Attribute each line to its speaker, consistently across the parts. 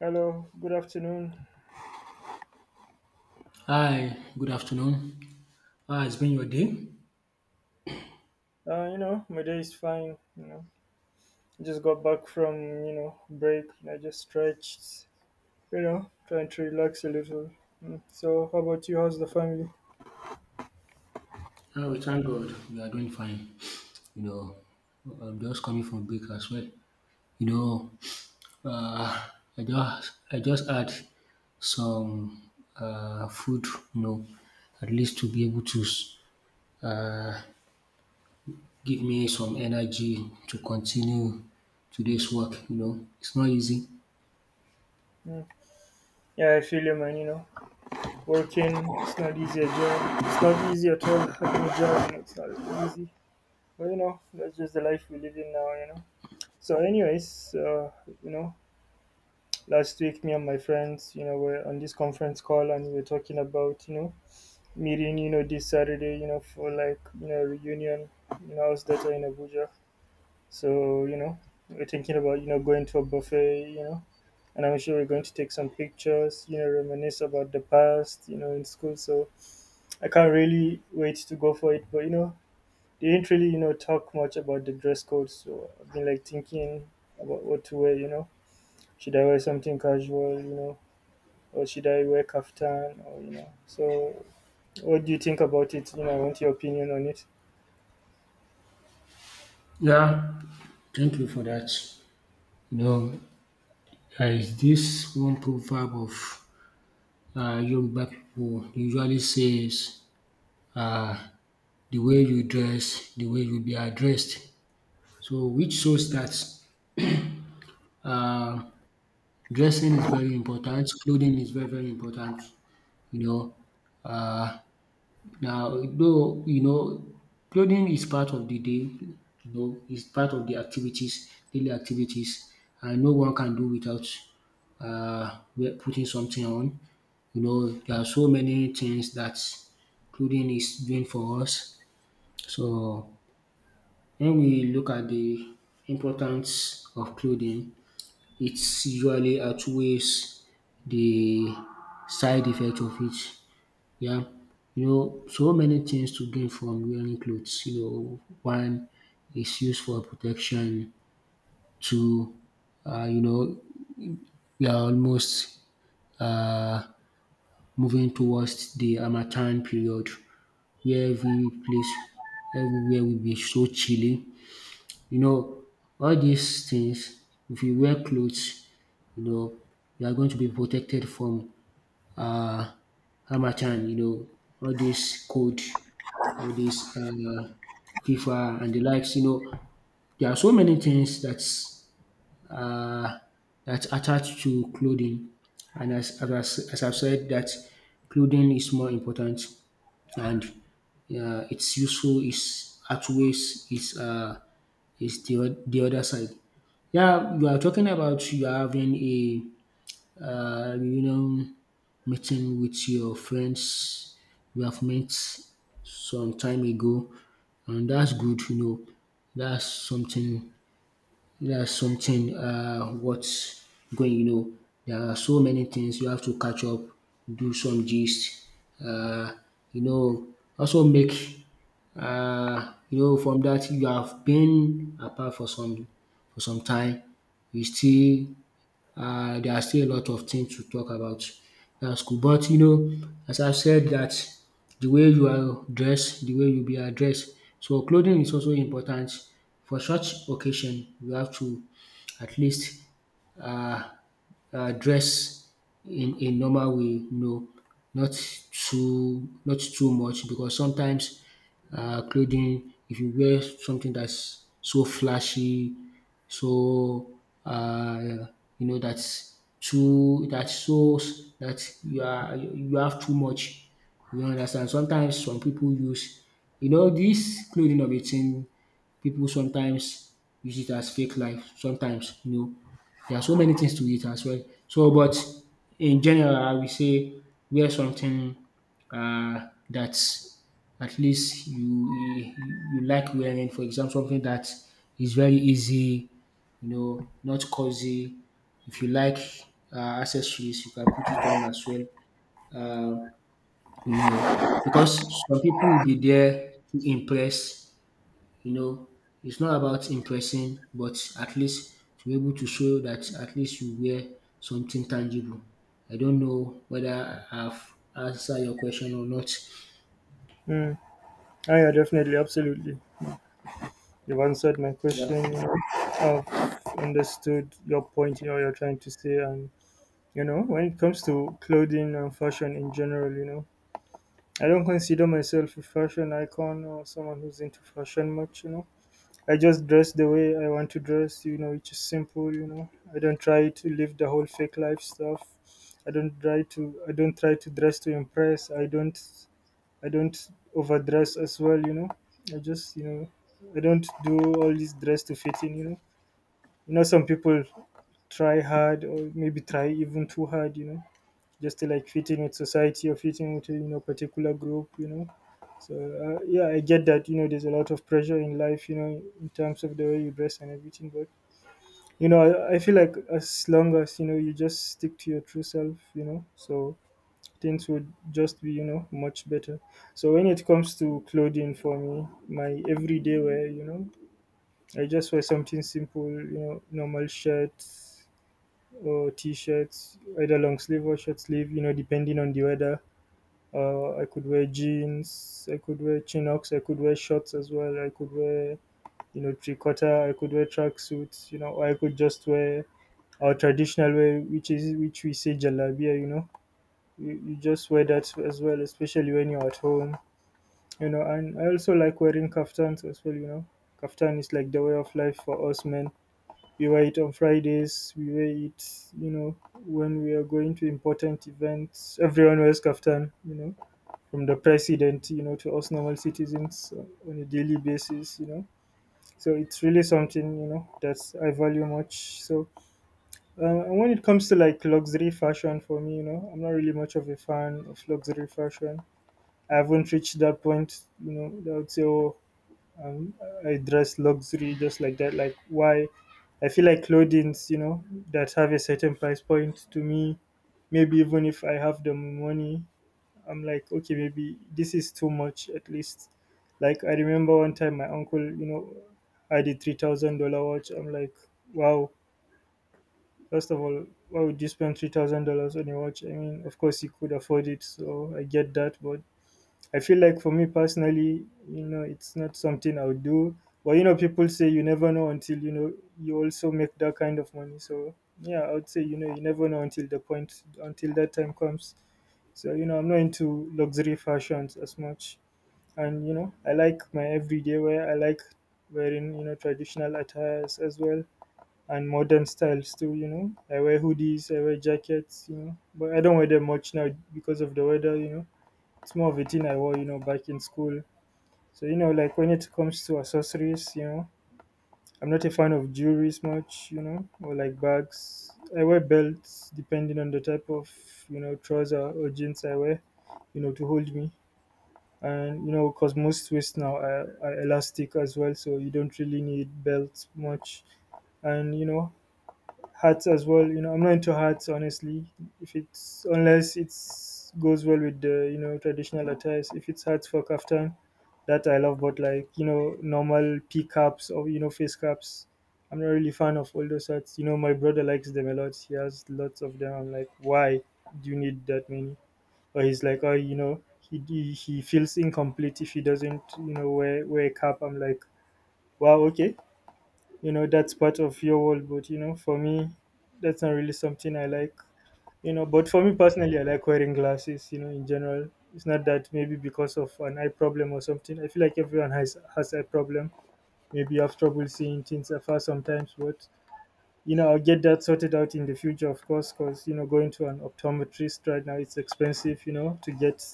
Speaker 1: Hello, good afternoon.
Speaker 2: Hi, good afternoon. How has been your day?
Speaker 1: You know, my day is fine. You know, I just got back from you know break and I just stretched. You know, trying to relax a little. Mm. So, how about you? How's the family?
Speaker 2: Oh, we thank God. We are doing fine. You know, I'm just coming from break as well. You know, uh, I just had some food, you know, at least to be able to uh, give me some energy to continue today's work. You know, it's not easy.
Speaker 1: Mm. Yeah, I feel you, man. You know, working it's not easy at job. It's not easy at all. Having a job, you know, it's not easy. But you know, that's just the life we live in now. You know. So, anyways, you know, last week me and my friends, you know, were on this conference call and we were talking about, you know meeting, you know, this Saturday, you know, for like, you know, reunion, you know, I was there in Abuja. So, you know, we're thinking about, you know, going to a buffet, you know, and I'm sure we're going to take some pictures, you know, reminisce about the past, you know, in school. So I can't really wait to go for it. But, you know, they didn't really, you know, talk much about the dress code. So I've been like thinking about what to wear, you know, should I wear something casual, you know, or should I wear kaftan or, you know, so what do you think about it? You know, I want your opinion on it.
Speaker 2: Yeah, thank you for that. You know, there is this one proverb of Yoruba pipu dey usually says uh, "the way you dress, the way you be addressed". So which shows that uh, dressing is very important, clothing is very very important you know uh. Now, though you know, clothing is part of the day, you know, it's part of the activities, daily activities, and no one can do without putting something on. You know, there are so many things that clothing is doing for us. So when we look at the importance of clothing, it usually outweighs the side effect of it. Yeah, you know, so many things to gain from wearing clothes. You know, one is used for protection. Two, you know, we are almost uh, moving towards the Amatan period where every place, everywhere will be so chilly. You know, all these things, if you wear clothes, you know, you are going to be protected from uh, Ramachan, you know, all this code, all this FIFA and the likes. You know, there are so many things that's uh, that's attached to clothing, and as I've said, that clothing is more important, and it's useful. Is outweighs is the the other side. Yeah, you are talking about you are having a you know, meeting with your friends you have met some time ago, and that's good. You know, that's something. That's something. What's going? You know, there are so many things you have to catch up, do some gist. Uh, you know, also make you know, from that you have been apart for some time, you still there are still a lot of things to talk about dat school. But you know as I said that the way you are dressed, the way you be addressed, so clothing is also important for such occasion. You have to at least uh dress in a normal way, you know, not not too much because sometimes clothing, if you wear something that's so flashy, so uh, you know that shows that you have too much. You understand? Sometimes some people use, you know, this clothing of a thing, people sometimes use it as fake life. Sometimes, you know, there are so many things to it as well. So, but in general, I will say wear something that at least you like wearing. For example, something that is very easy, you know, not cozy. If you like accessories, you can put it on as well, you know, because some people will be there to impress. You know, it's not about impressing, but at least to be able to show that at least you wear something tangible. I don't know whether I've answered your question or not.
Speaker 1: Mm. Oh, yeah, definitely, absolutely. You've answered my
Speaker 2: Yeah.
Speaker 1: question. You know, I've understood your point. You know, you're trying to say, and you know, when it comes to clothing and fashion in general, you know, I don't consider myself a fashion icon or someone who's into fashion much. You know, I just dress the way I want to dress. You know, which is simple. You know, I don't try to live the whole fake life stuff. I don't try to. I don't try to dress to impress. I don't. I don't overdress as well, you know. I just, you know, I don't do all this dress to fit in, you know. You know, some people try hard or maybe try even too hard, you know, just to like fit in with society or fit in with, you know, particular group, you know. So, yeah, I get that, you know, there's a lot of pressure in life, you know, in terms of the way you dress and everything. But, you know, I feel like as long as, you know, you just stick to your true self, you know, so things would just be, you know, much better. So when it comes to clothing for me, my everyday wear, you know, I just wear something simple, you know, normal shirts or t-shirts, either long sleeve or short sleeve, you know, depending on the weather. I could wear jeans, I could wear chinos. I could wear shorts as well, I could wear, you know, tricotta, I could wear tracksuits, you know, or I could just wear our traditional way, which is which we say jalabia, you know, you just wear that as well, especially when you're at home, you know. And I also like wearing kaftans as well, you know. Kaftan is like the way of life for us men. We wear it on Fridays, we wear it, you know, when we are going to important events. Everyone wears kaftan, you know, from the president, you know, to us normal citizens on a daily basis, you know. So it's really something, you know, that I value much. So and when it comes to like luxury fashion for me, you know, I'm not really much of a fan of luxury fashion. I haven't reached that point, you know, that I would say, oh, um, I dress luxury just like that. Like, why? I feel like clothings, you know, that have a certain price point to me, maybe even if I have the money, I'm like, okay, maybe this is too much at least. Like, I remember one time my uncle, you know, had a $3,000 watch. I'm like, wow, first of all, why would you spend $3,000 on a watch? I mean, of course, he could afford it, so I get that, but I feel like for me personally, you know, it's not something I would do. But you know, people say you never know until you know you also make that kind of money. So yeah, I would say you know you never know until the point until that time comes. So you know, I'm not into luxury fashions as much, and you know, I like my everyday wear. I like wearing you know traditional attires as well and modern styles too. You know, I wear hoodies, I wear jackets. You know, but I don't wear them much now because of the weather. You know it's more of a thing I wore, you know, back in school so, you know, like when it comes to accessories, you know, I'm not a fan of jewelries much, you know, or like bags. I wear belts depending on the type of, you know, trouser or jeans I wear, you know, to hold me. And, you know, because most waist now are elastic as well, so you don't really need belts much. And, you know, hats as well. You know, I'm not into hats, honestly. If it's unless it's goes well with the you know traditional attires. If it's hats for kaftan, that I love. But like you know normal pea caps or you know face caps, I'm not really fan of all those hats. You know, my brother likes them a lot. He has lots of them. I'm like, why do you need that many? Or he's like, oh, you know, he feels incomplete if he doesn't you know wear a cap. I'm like, wow, okay you know that's part of your world but you know for me that's not really something I like you know but for me personally I like wearing glasses you know in general it's not that maybe because of an eye problem or something I feel like everyone has eye problem maybe you have trouble seeing things afar sometimes but you know, I'll get that sorted out in the future, of course, because, you know, going to an optometrist right now, it's expensive, you know, to get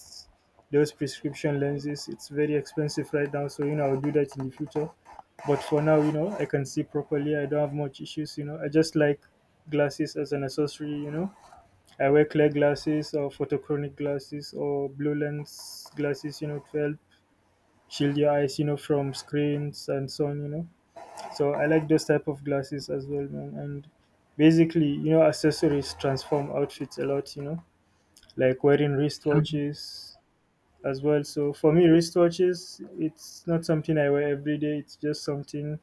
Speaker 1: those prescription lenses. It's very expensive right now. So, you know, I'll do that in the future. But for now, you know, I can see properly. I don't have much issues, you know. I just like glasses as an accessory, you know. I wear clear glasses or photochronic glasses or blue lens glasses, you know, to help shield your eyes, you know, from screens and so on, you know. So I like those type of glasses as well, man. And basically, you know, accessories transform outfits a lot. You know, like wearing wristwatches as well. So for me, wristwatches, it's not something I wear every day. It's just something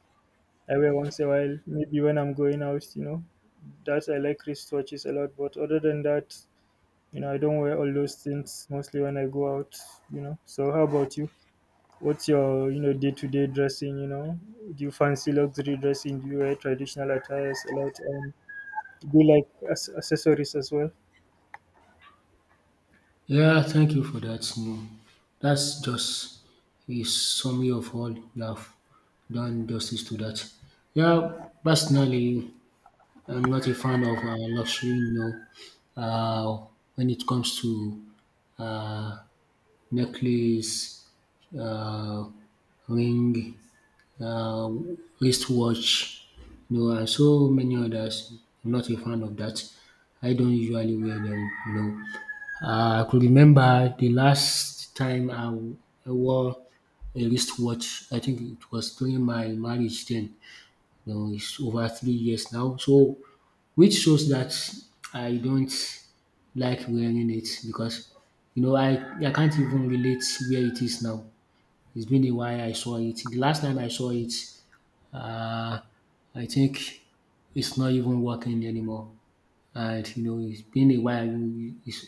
Speaker 1: I wear once a while, maybe when I'm going out. You know, that I like wristwatches a lot. But other than that, you know, I don't wear all those things mostly when I go out. You know. So how about you? What's your, you know, day-to-day dressing, you know? Do you fancy luxury dressing? Do you wear traditional attires a lot? Do you like accessories as well?
Speaker 2: Yeah, thank you for that. No, that's just a summary of all you have done justice to that. Yeah, personally, I'm not a fan of luxury, you know, when it comes to uh, necklace, uh, ring, uh, wristwatch, you know, and so many others. I'm not a fan of that. I don't usually wear them, you know. I could remember the last time I wore a wristwatch. I think it was during my marriage then. You know, it's over 3 years now. So, which shows that I don't like wearing it because you know I can't even relate where it is now. It's been a while I saw it. The last time I saw it, uh, I think it's not even working anymore. And you know, it's been a while. It's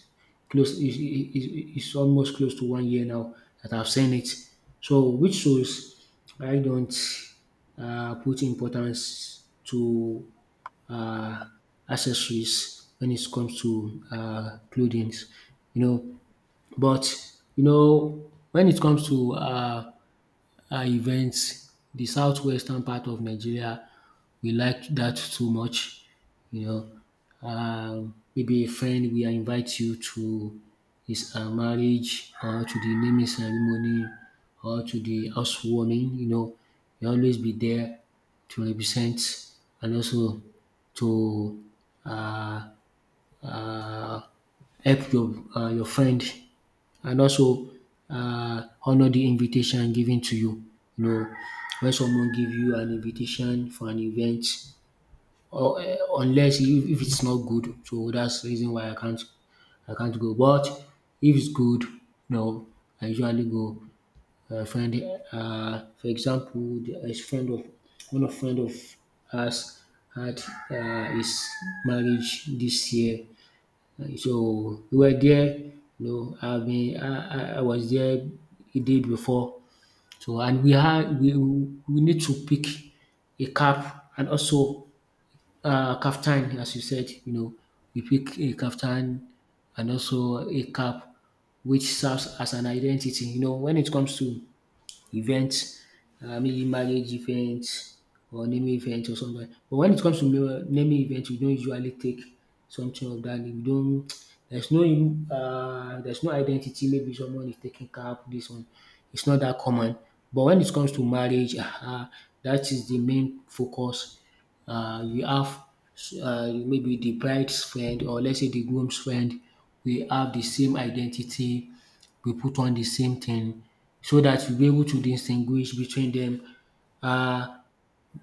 Speaker 2: close. It's almost close to 1 year now that I've seen it. So, which shows I don't put importance to uh, accessories when it comes to clothing, you know. But you know, when it comes to events. The southwestern part of Nigeria, we like that too much. You know, maybe a friend will invite you to his marriage or to the naming ceremony or to the housewarming. You know, you always be there to represent and also to uh, uh, help your friend and also honor the invitation given to you. You know, when someone give you an invitation for an event, or unless if, if it's not good, so that's the reason why I can't go. But if it's good, you know, I usually go. Friend, for example, a friend of one of friend of us had his marriage this year, so we were there, you know, I mean, I was there a day before. So and we had we need to pick a cap and also kaftan as you said, you know, we pick a kaftan and also a cap which serves as an identity. You know, when it comes to events, maybe marriage events or naming events or something like. But when it comes to naming events, we don't usually take something of that. We don't. There's no identity. Maybe someone is taking care of. This one, it's not that common. But when it comes to marriage, that is the main focus. We have maybe the bride's friend or let's say the groom's friend. We have the same identity, we put on the same thing so that we'll be able to distinguish between them uh,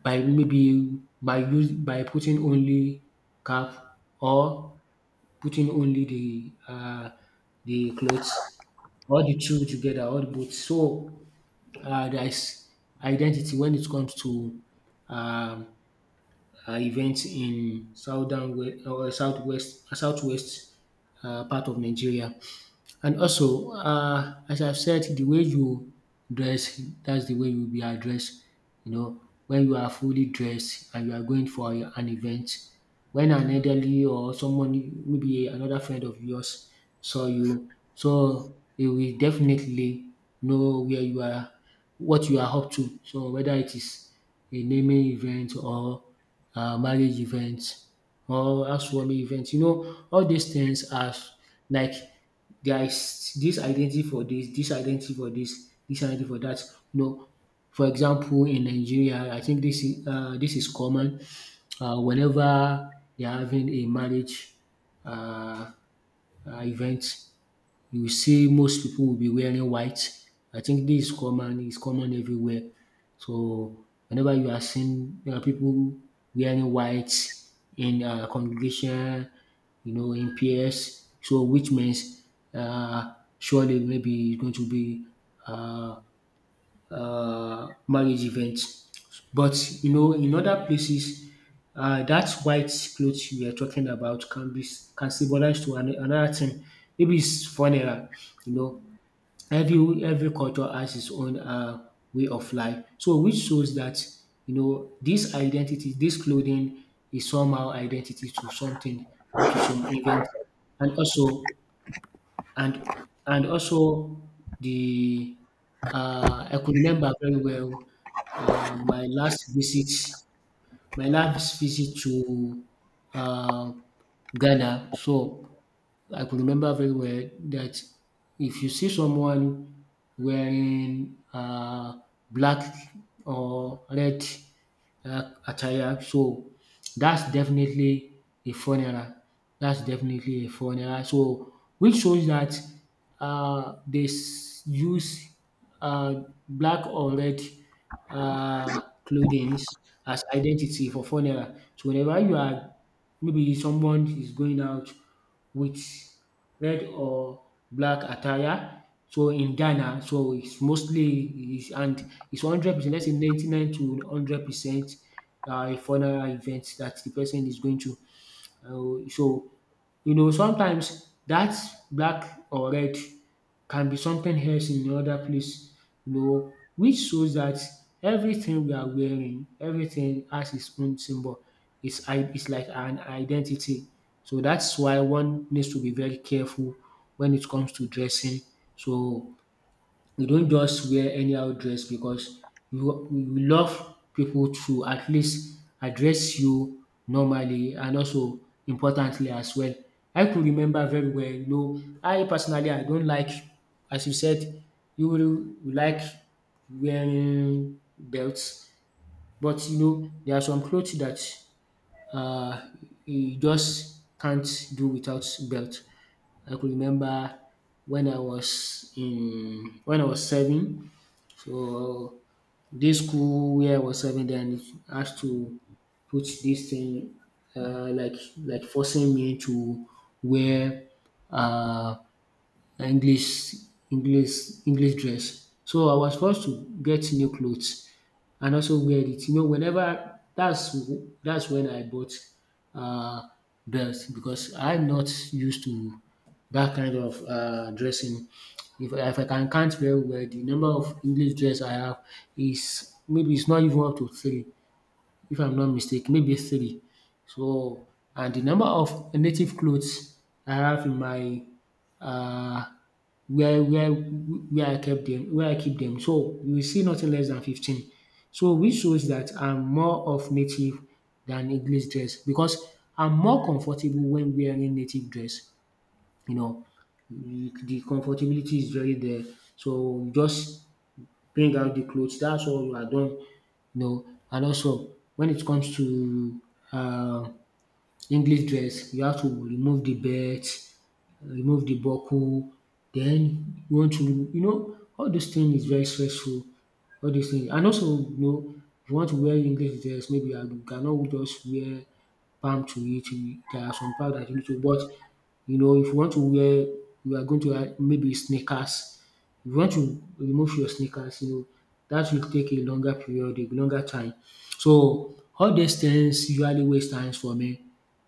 Speaker 2: by maybe by use by putting only cap or putting only the clothes, all the two together, all the both. So there is identity when it comes to um, events in southern we- or southwest southwest part of Nigeria. And also, as I've said, the way you dress, that's the way you'll be addressed. You know, when you are fully dressed and you are going for an event, when an elderly or someone, maybe another friend of yours, saw you, so they will definitely know where you are, what you are up to. So whether it is a naming event or marriage event or housewarming event, you know, all these things are like there is this identity for this, this identity for this, this identity for that. You know, for example, in Nigeria, I think this is common. Whenever they're having a marriage uh, event, you will see most people will be wearing white. I think this is common, it's common everywhere. So whenever you are seeing people wearing white in congregation, you know, in PS, so which means uh, surely maybe it's going to be uh, marriage event. But you know, in other places, that white clothes you are talking about can be, can symbolize to an, another thing. Maybe it's funeral. You know, every culture has its own way of life. So which shows that you know this identity, this clothing is somehow identity to something or to some event, and also and and also the I could remember very well uh, my last visit, my last visit to uh, Ghana. So I could remember very well that if you see someone wearing black or red attire. So that's definitely a funeral. That's definitely a funeral. So which shows that use uh, black or red clothing as identity for funeral. So whenever you are, maybe someone is going out with red or black attire. So in Ghana, so it's mostly is, and it's 100%, let's say 99 to 100% a funeral event that the person is going to. Um, so you know sometimes that black or red can be something else in another place. You know which shows that everything we are wearing, everything has its own symbol, its like an identity. So that's why one needs to be very careful when it comes to dressing. So you don't just wear anyhow dress because you love people to at least address you normally and also importantly as well. I could remember very well, you know I personally I don't like, as you said, you will you like wearing belts. But you know there are some clothes that uh you just can't do without belt. I could remember when I was serving, so this school where I was serving then has to put this thing, like forcing me to wear uh, English English English dress. So I was forced to get new clothes and also wear it. You know, whenever that's when I bought uh, belt, because I'm not used to that kind of dressing. If I can count very well, the number of English dress I have is maybe it's not even up to three. If I'm not mistaken, maybe three. So, and the number of native clothes I have in my uh, where I kept them, where I keep them. So you will see nothing less than 15. So which shows that I'm more of native than English dress, because I'm more comfortable when wearing native dress. You know, the comfortability is very there. So you just bring out the clothes, that's all, you are done, you know. And also when it comes to um English dress, you have to remove the belt, remove the buckle, then you want to, you know, all those things is very stressful. All these things, and also, you know, if you want to wear English dress, maybe you cannot just wear palm to it. You- There are some part that you need to, but you know, if you want to wear, you are going to wear maybe sneakers. If you want to remove your sneakers, you know that will take a longer period, a longer time. So all these things usually waste times for me.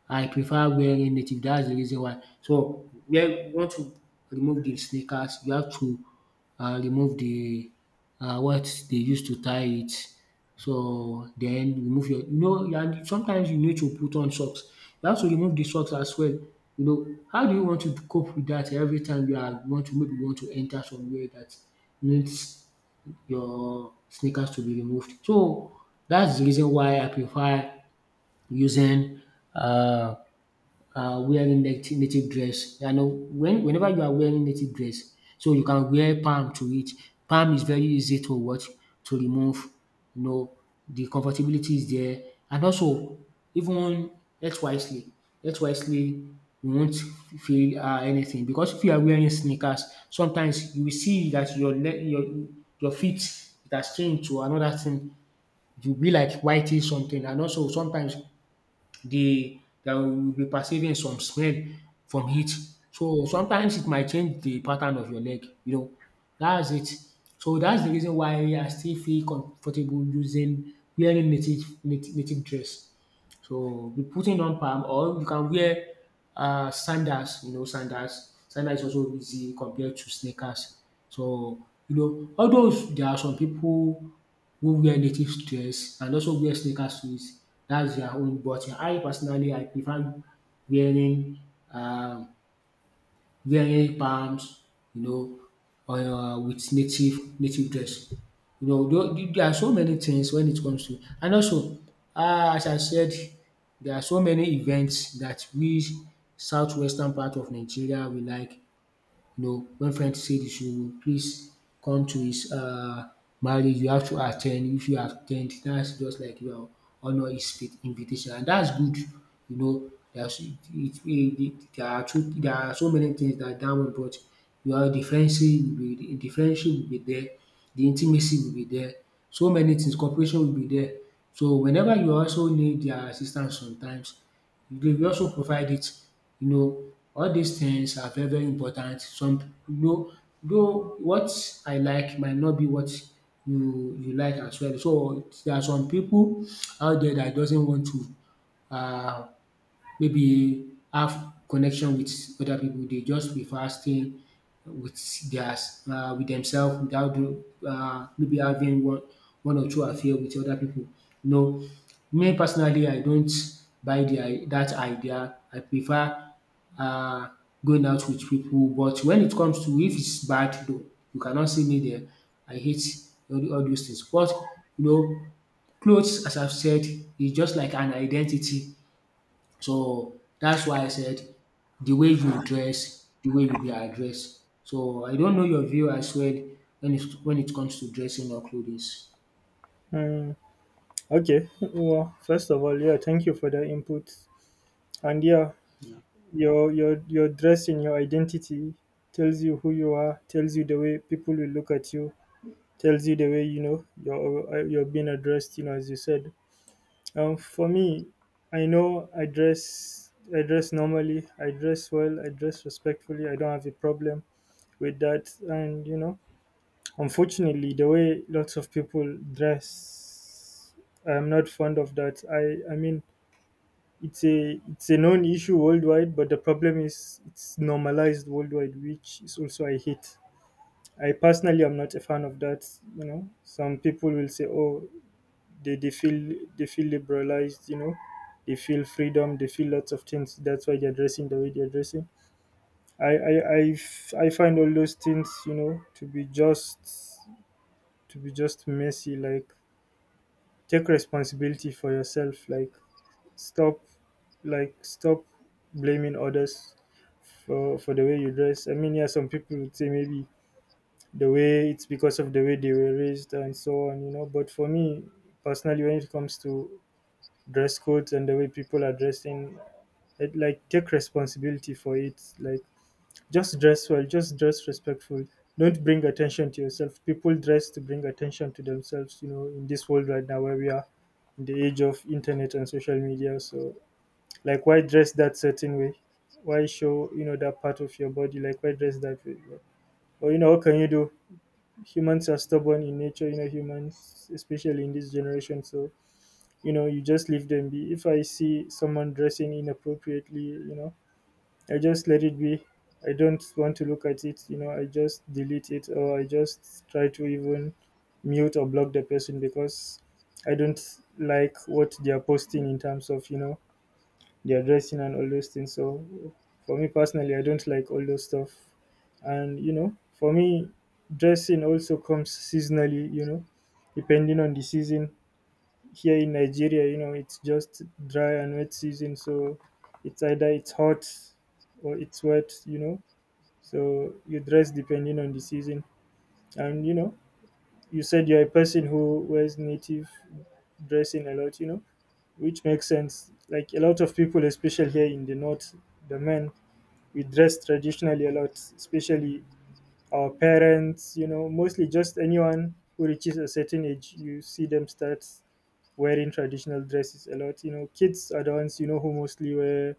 Speaker 2: I prefer wearing native. That's the reason why. So where you want to remove the sneakers, you have to remove the what they use to tie it, so then remove your, you know, and sometimes you need to put on socks. You have to remove the socks as well, you know. How do you want to cope with that? Every time you are want to, maybe you want to enter somewhere that needs your sneakers to be removed. So that's the reason why I prefer using uh wearing native dress. You know, when whenever you are wearing native dress, so you can wear palm to it. Palm is very easy to watch to remove. You know, the comfortability is there, and also even dress wisely. Dress wisely, you won't feel anything, because if you are wearing sneakers, sometimes you will see that your leg, your feet, it has changed to another thing. It will be like whitish something, and also sometimes the that we will be perceiving some smell from heat. So sometimes it might change the pattern of your leg, you know. That's it. So that's the reason why I still feel comfortable using wearing native dress. So we putting on palm, or you can wear sandals, you know, sandals. Sandals is also easy compared to sneakers. So, you know, although there are some people who wear native dress and also wear sneakers to it, that's their own. But I personally, I prefer wearing um, wearing palms, you know, with native dress. You know, though there are so many things when it comes to, and also as I said, there are so many events that we southwestern part of Nigeria we like, you know, when friends say you should please come to his marriage, you have to attend. If you at ten, that's just like you are honour his invitation, and that's good. You know, there's there are two, there are so many things that that one brought. Your the friendship will be, the friendship will be there, the intimacy will be there, so many things, cooperation will be there. So whenever you also need their assistance sometimes, they will also provide it. You know, all dis things are very, very important. Some, though what I like might not be what you like as well. So there are some pipu out there dat doesn't want to um maybe have connection with other people. They just prefer staying with their with themselves, without doing maybe having one or two affair with other people. You know, me personally, I don't buy the that idea. I prefer uh, going out with people. But when it comes to, if it's bad, though, you cannot see me there. I hate all those things. But you know, clothes, as I've said, is just like an identity. So that's why I said the way you dress, the way you be addressed. So I don't know your view as well when it comes to dressing or clothing.
Speaker 1: Mm, okay. Well, first of all, yeah, thank you for the input. And yeah, your dressing, your identity tells you who you are, tells you the way people will look at you, tells you the way you know you're being addressed. You know, as you said, for me, I dress normally. I dress well. I dress respectfully. I don't have a problem with that. And you know, unfortunately, the way lots of people dress, I'm not fond of that. I mean, it's a known issue worldwide, but the problem is it's normalized worldwide, which is also I hate. I personally am not a fan of that. You know, some people will say, "Oh, they feel they feel liberalized, you know, they feel freedom, they feel lots of things. That's why they're dressing the way they're dressing. I find all those things, you know, to be just messy. Like take responsibility for yourself. Stop like stop blaming others for the way you dress. I mean, yeah, some people would say maybe the way it's because of the way they were raised and so on, you know. But for me personally, when it comes to dress codes and the way people are dressing it, like take responsibility for it like just dress well, just dress respectful, don't bring attention to yourself. People dress to bring attention to themselves, you know, in this world right now where we are in the age of internet and social media. So like why dress that certain way? Why show, you know, that part of your body? Like why dress that way? Or you know, what can you do? Humans are stubborn in nature, you know, humans, especially in this generation. So you know, you just leave them be. If I see someone dressing inappropriately, you know, I just let it be. I don't want to look at it, you know. I just delete it or I just try to even mute or block the person, because I don't like what they are posting in terms of, you know, their dressing and all those things. So for me personally, I don't like all those stuff. And you know, for me, dressing also comes seasonally, you know, depending on the season. Here in Nigeria, you know, it's just dry and wet season, so it's either it's hot or it's wet, you know. So you dress depending on the season. And you know, you said you're a person who wears native dressing a lot, you know, which makes sense. Like a lot of people, especially here in the north, the men, we dress traditionally a lot, especially our parents, you know, mostly just anyone who reaches a certain age, you see them start wearing traditional dresses a lot. You know, kids are the ones you know who mostly wear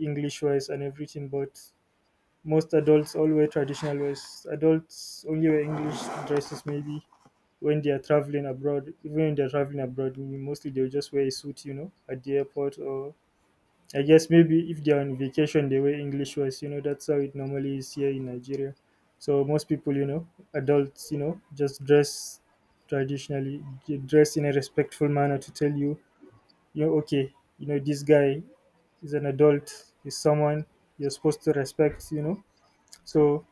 Speaker 1: English wears and everything, but most adults all wear traditional wears. Adults only wear English dresses maybe when they are traveling abroad. Even when they are traveling abroad, mostly they'll just wear a suit. You know, at the airport, or I guess maybe if they are on vacation, they wear English wears. You know, that's how it normally is here in Nigeria. So most people, you know, adults, you know, just dress traditionally. They dress in a respectful manner to tell you, you know, okay, you know, this guy is an adult, is someone you're supposed to respect, you know. So,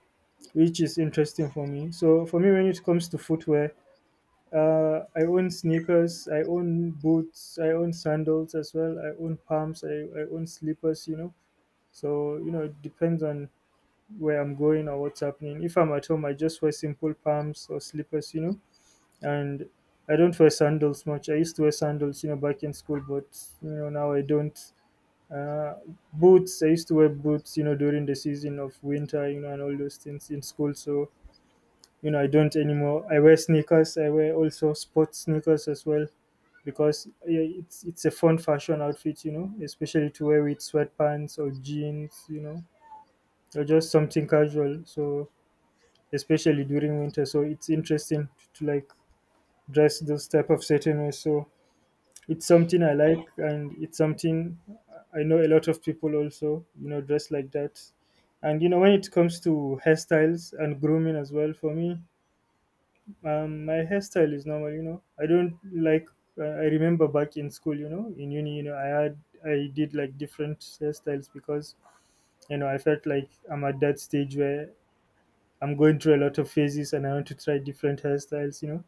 Speaker 1: which is interesting for me. So, for me, when it comes to footwear, I own sneakers, I own boots, I own sandals as well, I own pumps, I own slippers, you know. So, you know, it depends on where I'm going or what's happening. If I'm at home, I just wear simple pumps or slippers, you know, and I don't wear sandals much. I used to wear sandals, you know, back in school, but you know now I don't. Uh, Boots. I used to wear boots, you know, during the season of winter, you know, and all those things in school. So, you know, I don't anymore. I wear sneakers. I wear also sports sneakers as well, because yeah, it's a fun fashion outfit, you know, especially to wear with sweatpants or jeans, you know, or just something casual. So, especially during winter, so it's interesting to, like dress those type of certain ways. So, it's something I like, and it's something I know a lot of people also, you know, dress like that. And you know, when it comes to hairstyles and grooming as well, for me, my hairstyle is normal. You know, I don't like. I remember back in school, you know, in uni, you know, I had I did like different hairstyles, because you know I felt like I'm at that stage where I'm going through a lot of phases and I want to try different hairstyles. You know,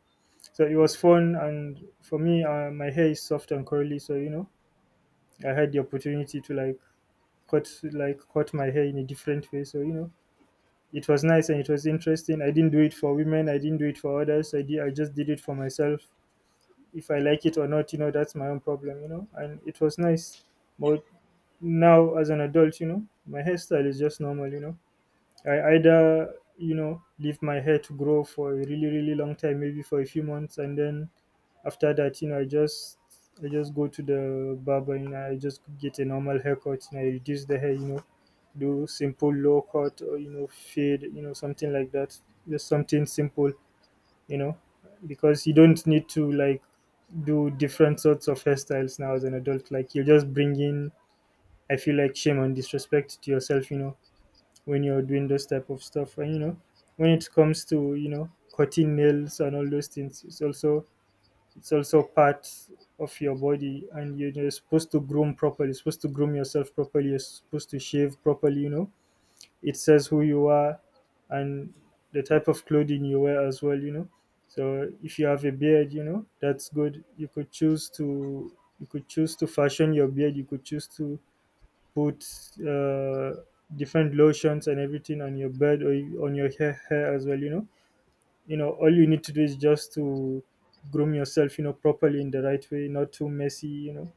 Speaker 1: so it was fun, and for me, my hair is soft and curly, so you know, I had the opportunity to like cut my hair in a different way. So you know, it was nice and it was interesting. I didn't do it for women. I didn't do it for others. I just did it for myself. If I like it or not, you know, that's my own problem. You know, and it was nice. But now, as an adult, you know, my hairstyle is just normal. You know, I either you know leave my hair to grow for a really really long time, maybe for a few months, and then after that, you know, I just go to the barber, you know, I just get a normal haircut, and I reduce the hair, you know, do simple low cut or you know fade, you know, something like that. Just something simple, you know, because you don't need to like do different sorts of hairstyles now as an adult. Like you're just bringing, I feel like shame and disrespect to yourself, you know, when you're doing those type of stuff. And you know, when it comes to you know cutting nails and all those things, it's also part of your body, and you're supposed to groom properly. You're supposed to groom yourself properly. You're supposed to shave properly. You know, it says who you are, and the type of clothing you wear as well. You know, so if you have a beard, you know that's good. You could choose to fashion your beard. You could choose to put uh, different lotions and everything on your beard or on your hair, as well. You know all you need to do is just to groom yourself, you know, properly in the right way, not too messy, you know,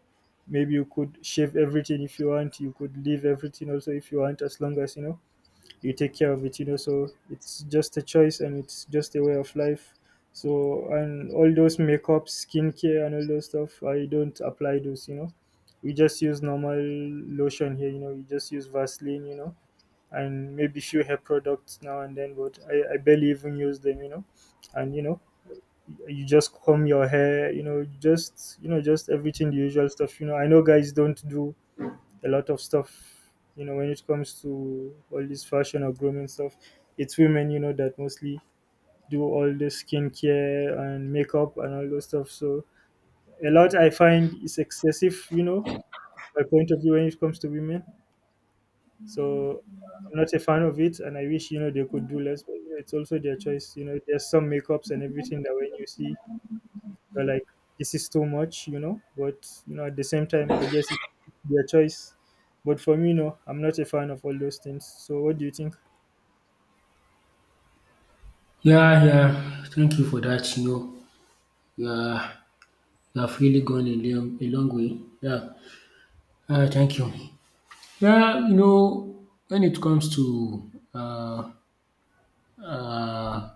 Speaker 1: maybe you could shave everything if you want, you could leave everything also if you want, as long as you know you take care of it, you know. So it's just a choice and it's just a way of life. So and all those makeup, skincare and all those stuff, I don't apply those, you know. We just use normal lotion here, you know, we just use Vaseline, you know, and maybe few hair products now and then, but I barely even use them, you know. And you know, you just comb your hair, you know, just everything the usual stuff. You know, I know guys don't do a lot of stuff, you know, when it comes to all this fashion or grooming stuff. It's women, you know, that mostly do all the skincare and makeup and all those stuff. So a lot I find is excessive, you know, my point of view when it comes to women. So I'm not a fan of it, and I wish you know they could do less. But you know, it's also their choice. You know, there's some makeups and everything that when you see, you're like, this is too much. You know, but you know at the same time, I guess it's their choice. But for me, no, I'm not a fan of all those things. So what do you think?
Speaker 2: Yeah, yeah. Thank you for that. You know, yeah, you have really gone a long way. Yeah. Thank you. Yeah, you know, when it comes to uh,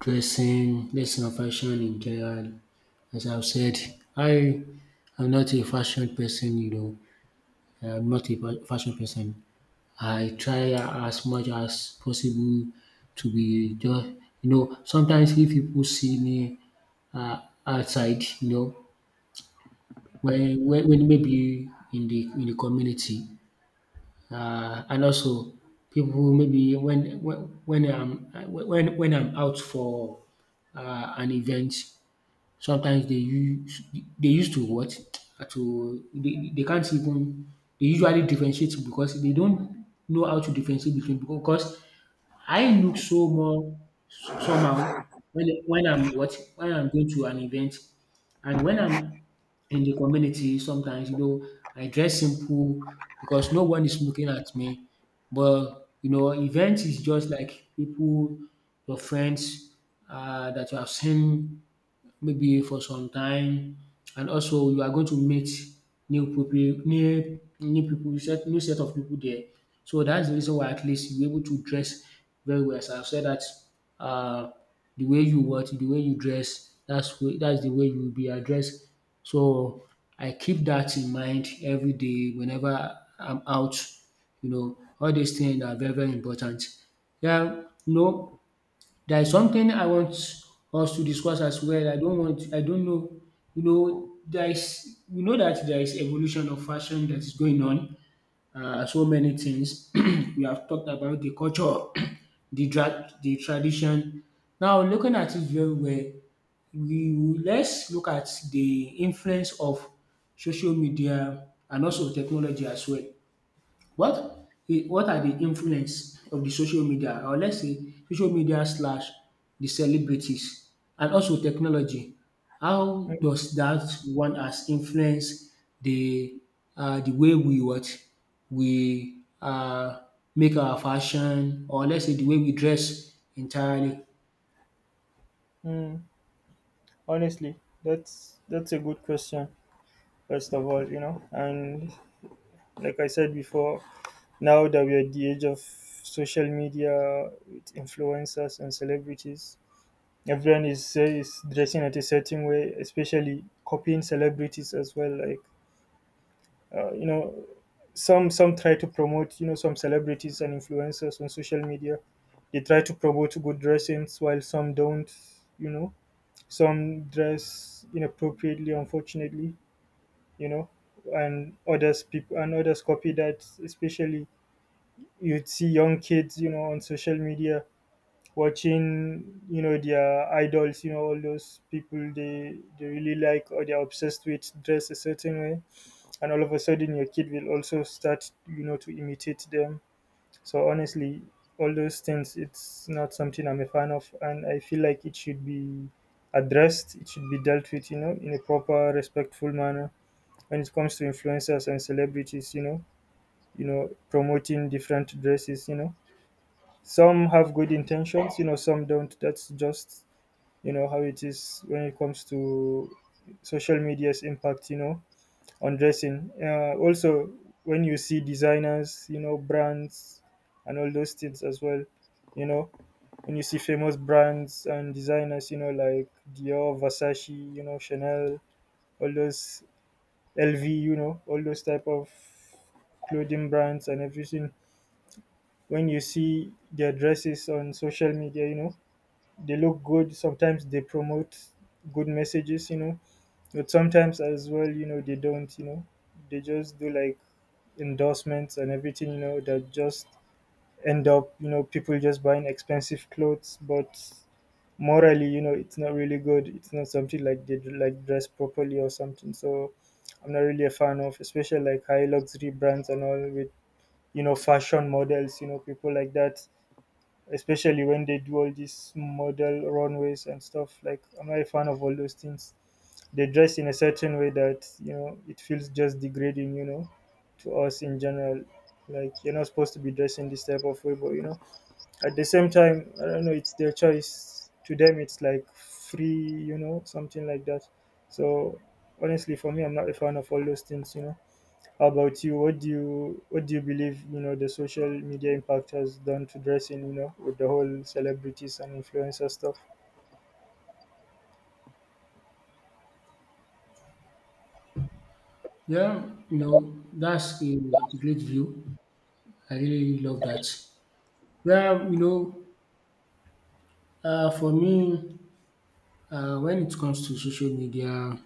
Speaker 2: dressing and fashion in general, as I've said, I am not a fashion person, you know. I'm multi fashion person. I try as much as possible to be just, you know, sometimes if people see me outside, you know, when maybe in the community, and also people maybe when I'm out for an event. Sometimes they use, they used to what? To, they can't even, they usually differentiate because they don't know how to differentiate between, because I look so more somehow when I'm what, when I'm going to an event, and when I'm in the community, sometimes, you know, I dress simple, because no one is looking at me. But you know, event is just like people, your friends that you have seen maybe for some time, and also you are going to meet new new people, set new set of people there. So that's the reason why at least you're able to dress very well. As I've said that uh the way you what, the way you dress, that's way that's the way you will be addressed. So I keep that in mind every day whenever I'm out. You know, all these things are very, very important. Yeah, no. There is something I want us to discuss as well. I don't know, you know, there is, we know that there is evolution of fashion that is going on. So many things. We have talked about the culture, the drag, the tradition. Now looking at it very well, let's look at the influence of social media and also technology as well. What what are the influence of the social media, or let's say social media slash the celebrities, and also technology? How
Speaker 1: Mm,
Speaker 2: does that one has influence the the way we what we make our fashion, or let's say the way we dress entirely?
Speaker 1: mm, honestly, that's a good question. First of all, you know, and like I said before, now that we're at the age of social media with influencers and celebrities, everyone is dressing at a certain way, especially copying celebrities as well. Like you know, some try to promote you know some celebrities and influencers on social media. They try to promote good dressings while some don't. You know, some dress inappropriately, unfortunately. You know, and others people and others copy that. Especially you'd see young kids, you know, on social media watching you know their idols, you know, all those people they really like or they're obsessed with, dress a certain way, and all of a sudden your kid will also start you know to imitate them. So honestly, all those things, it's not something I'm a fan of, and I feel like it should be addressed, it should be dealt with, you know, in a proper respectful manner. When it comes to influencers and celebrities, you know, you know promoting different dresses, you know, some have good intentions, you know, some don't. That's just you know how it is when it comes to social media's impact, you know, on dressing. Also when you see designers, you know, brands and all those things as well, you know, when you see famous brands and designers, you know, like Dior, Versace, you know, Chanel, all those, LV, you know, all those type of clothing brands and everything, when you see their dresses on social media, you know, they look good. Sometimes they promote good messages, you know. But sometimes as well, you know, they don't, you know, they just do like endorsements and everything, you know, that just end up, you know, people just buying expensive clothes, but morally, you know, it's not really good. It's not something like they do, like dress properly or something. So I'm not really a fan of, especially like high luxury brands and all with, you know, fashion models, you know, people like that. Especially when they do all these model runways and stuff. Like I'm not a fan of all those things. They dress in a certain way that, you know, it feels just degrading, to us in general. Like you're not supposed to be dressing this type of way, but, you know, at the same time, I don't know, it's their choice. To them it's like free, you know something like that so honestly, for me, I'm not a fan of all those things. How about you? What do you believe, you know, the social media impact has done to dressing, you know, with the whole celebrities and influencer stuff?
Speaker 2: Yeah, you know, that's a great view. I really love that. Well, you know, for me, when it comes to social media,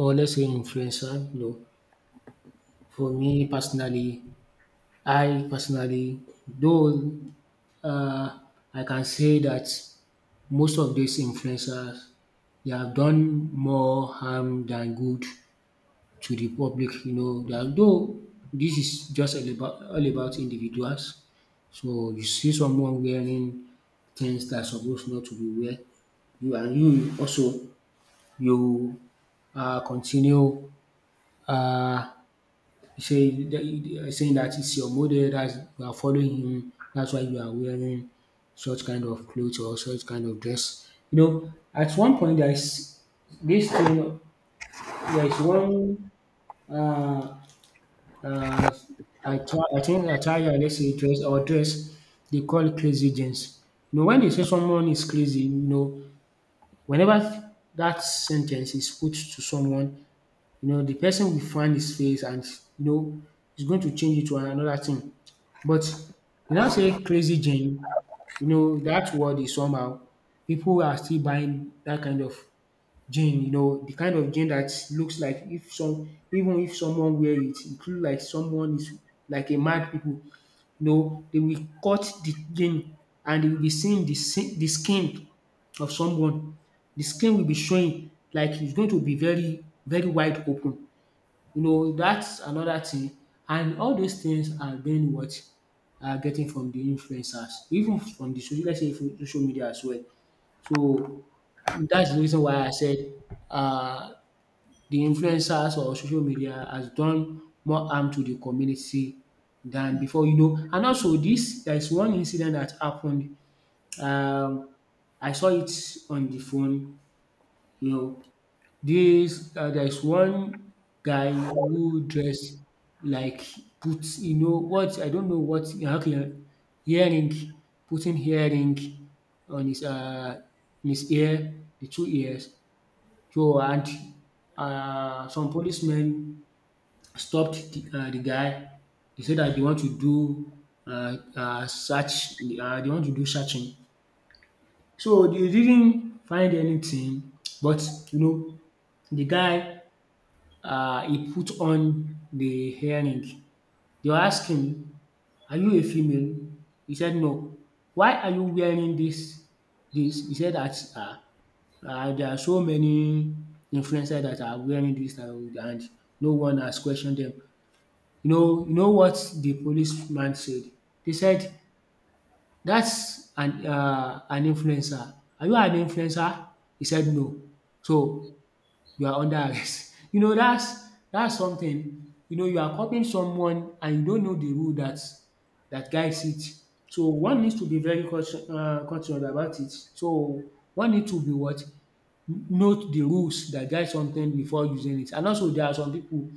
Speaker 2: honestly, influential. No, for me personally, I personally, though, uh, I can say that most of these influencers, they have done more harm than good to the public. You know, that though, this is just all about individuals. So you see someone wearing things that are supposed not to be wear, you, and you also you continue. Uh, saying that it's your model that's you are following him, that's why you are wearing such kind of clothes or such kind of dress. You know, at one point there is this thing, there is one uh, uh, attire, I think attire, let's say dress or dress, they call crazy jeans. You know, when they say someone is crazy, you know, whenever that sentence is put to someone, you know, the person will find his face, and you know, he's going to change it to another thing. But you now say crazy gin, you know, that word is somehow, people are still buying that kind of gin, you know, the kind of gin that looks like, if some, even if someone wear it, it look like someone is like a mad people, you know. They will cut the gin, and they will be seeing the the skin of someone. The skin will be showing, like it's going to be very, very wide open. You know, that's another thing. And all those things are being what, are getting from the influencers, even from the social, let's say from social media as well. So that's the reason why I said uh, the influencers or social media has done more harm to the community than before. You know, and also this, there is one incident that happened. Um, I saw it on the phone. You know, this there is one guy who dress like put you know what I don't know what how can earring putting earring on his in his ear, the two ears. So and some policemen stopped the guy. They said that they want to do search, they want to do searching. So they didn't find anything, but you know, the guy, he put on the hearing. They were asking him, "Are you a female?" He said, "No. Why are you wearing this?" This he said that there are so many influencers that are wearing this, and no one has questioned them. You know what the policeman said? They said, "That's an influencer. Are you an influencer?" He said no. "So you are under arrest." You know, that's something, you know, you are copying someone and you don't know the rule that guides it. So one needs to be very caution, cautious about it. So one need to be what? Note the rules that guide something before using it. And also there are some people,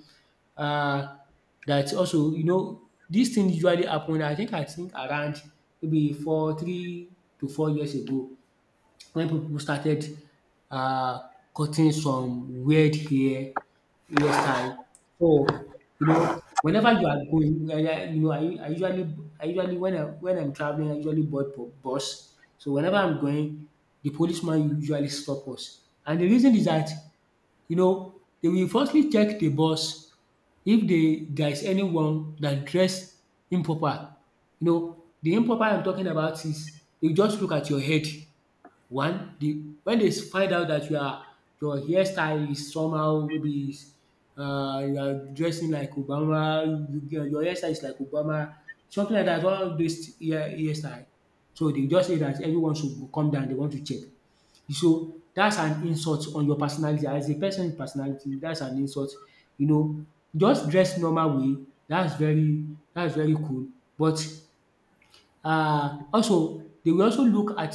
Speaker 2: um dat also, you know, these things usually happen. I think around maybe four three to 4 years ago, when people started uh, cutting some weird hairstyle. So you know, whenever you are going, you know, I usually when I'm traveling, I usually board bus. So whenever I'm going, the policeman usually stop us, and the reason is that, you know, they will firstly check the bus if they there is anyone that dress improper. You know, the improper I'm talking about is they just look at your head. One, the When they find out that your hairstyle is somehow, maybe is, you are dressing like Obama, you get your hairstyle is like Obama, something like that. All dis hair hairstyle. So they just say that everyone should go come down. They want to check. So that's an insult on your personality, as a person's personality, that's an insult. You know, just dress normal way, that's very, that's very cool. But also they will also look at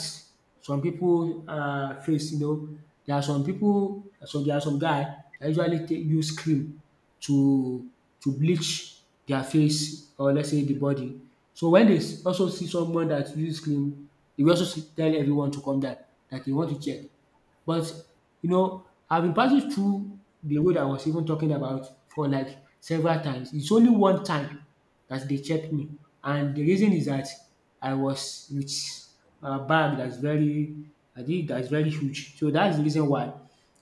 Speaker 2: some people' face. You know, there are some people, pipu there are some guy dat usually take use cream to bleach their face, or let's say the body. So wen dey also see someone that use cream, they will also see, tell everyone to come down that they want to check. But you know, I've been passing through the road I was even talking about for like several times. It's only one time that they checked me, and the reason is that I was with a bag that's very, I think that's very huge. So that's the reason why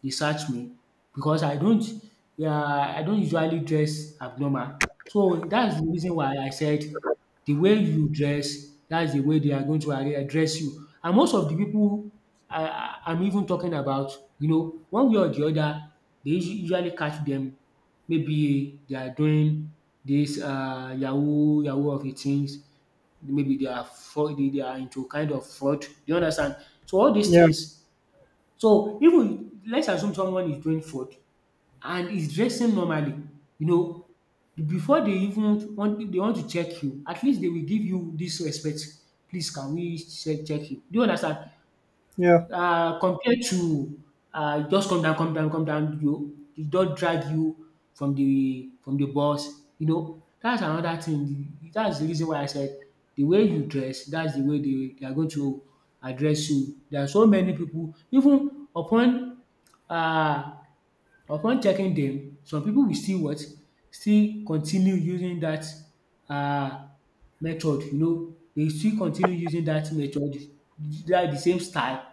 Speaker 2: they searched me, because I don't, yeah, I don't usually dress abnormal. So that's the reason why I said the way you dress, that's the way they are going to address you. And most of the people I'm even talking about, you know, one way or the other, they usually catch them. Maybe they are doing this yahoo yahoo of a things, maybe they are fraud, they are into kind of fraud, you understand? So all these
Speaker 1: Yeah,
Speaker 2: things, so even let's assume someone is doing fraud and is dressing normally, you know, before they even want, they want to check you, at least they will give you this respect, "Please can we check you?" Do you understand?
Speaker 1: yeah.
Speaker 2: Compared to just come down, come down, come down, you they not drag you from the bus. You know, that's another thing. That's the reason why I said the way you dress, that's the way they are going to address you. There are so many people, even upon uh, upon checking them, some people will still what? Still continue using that um method, you know, they still continue using that method, that the same style,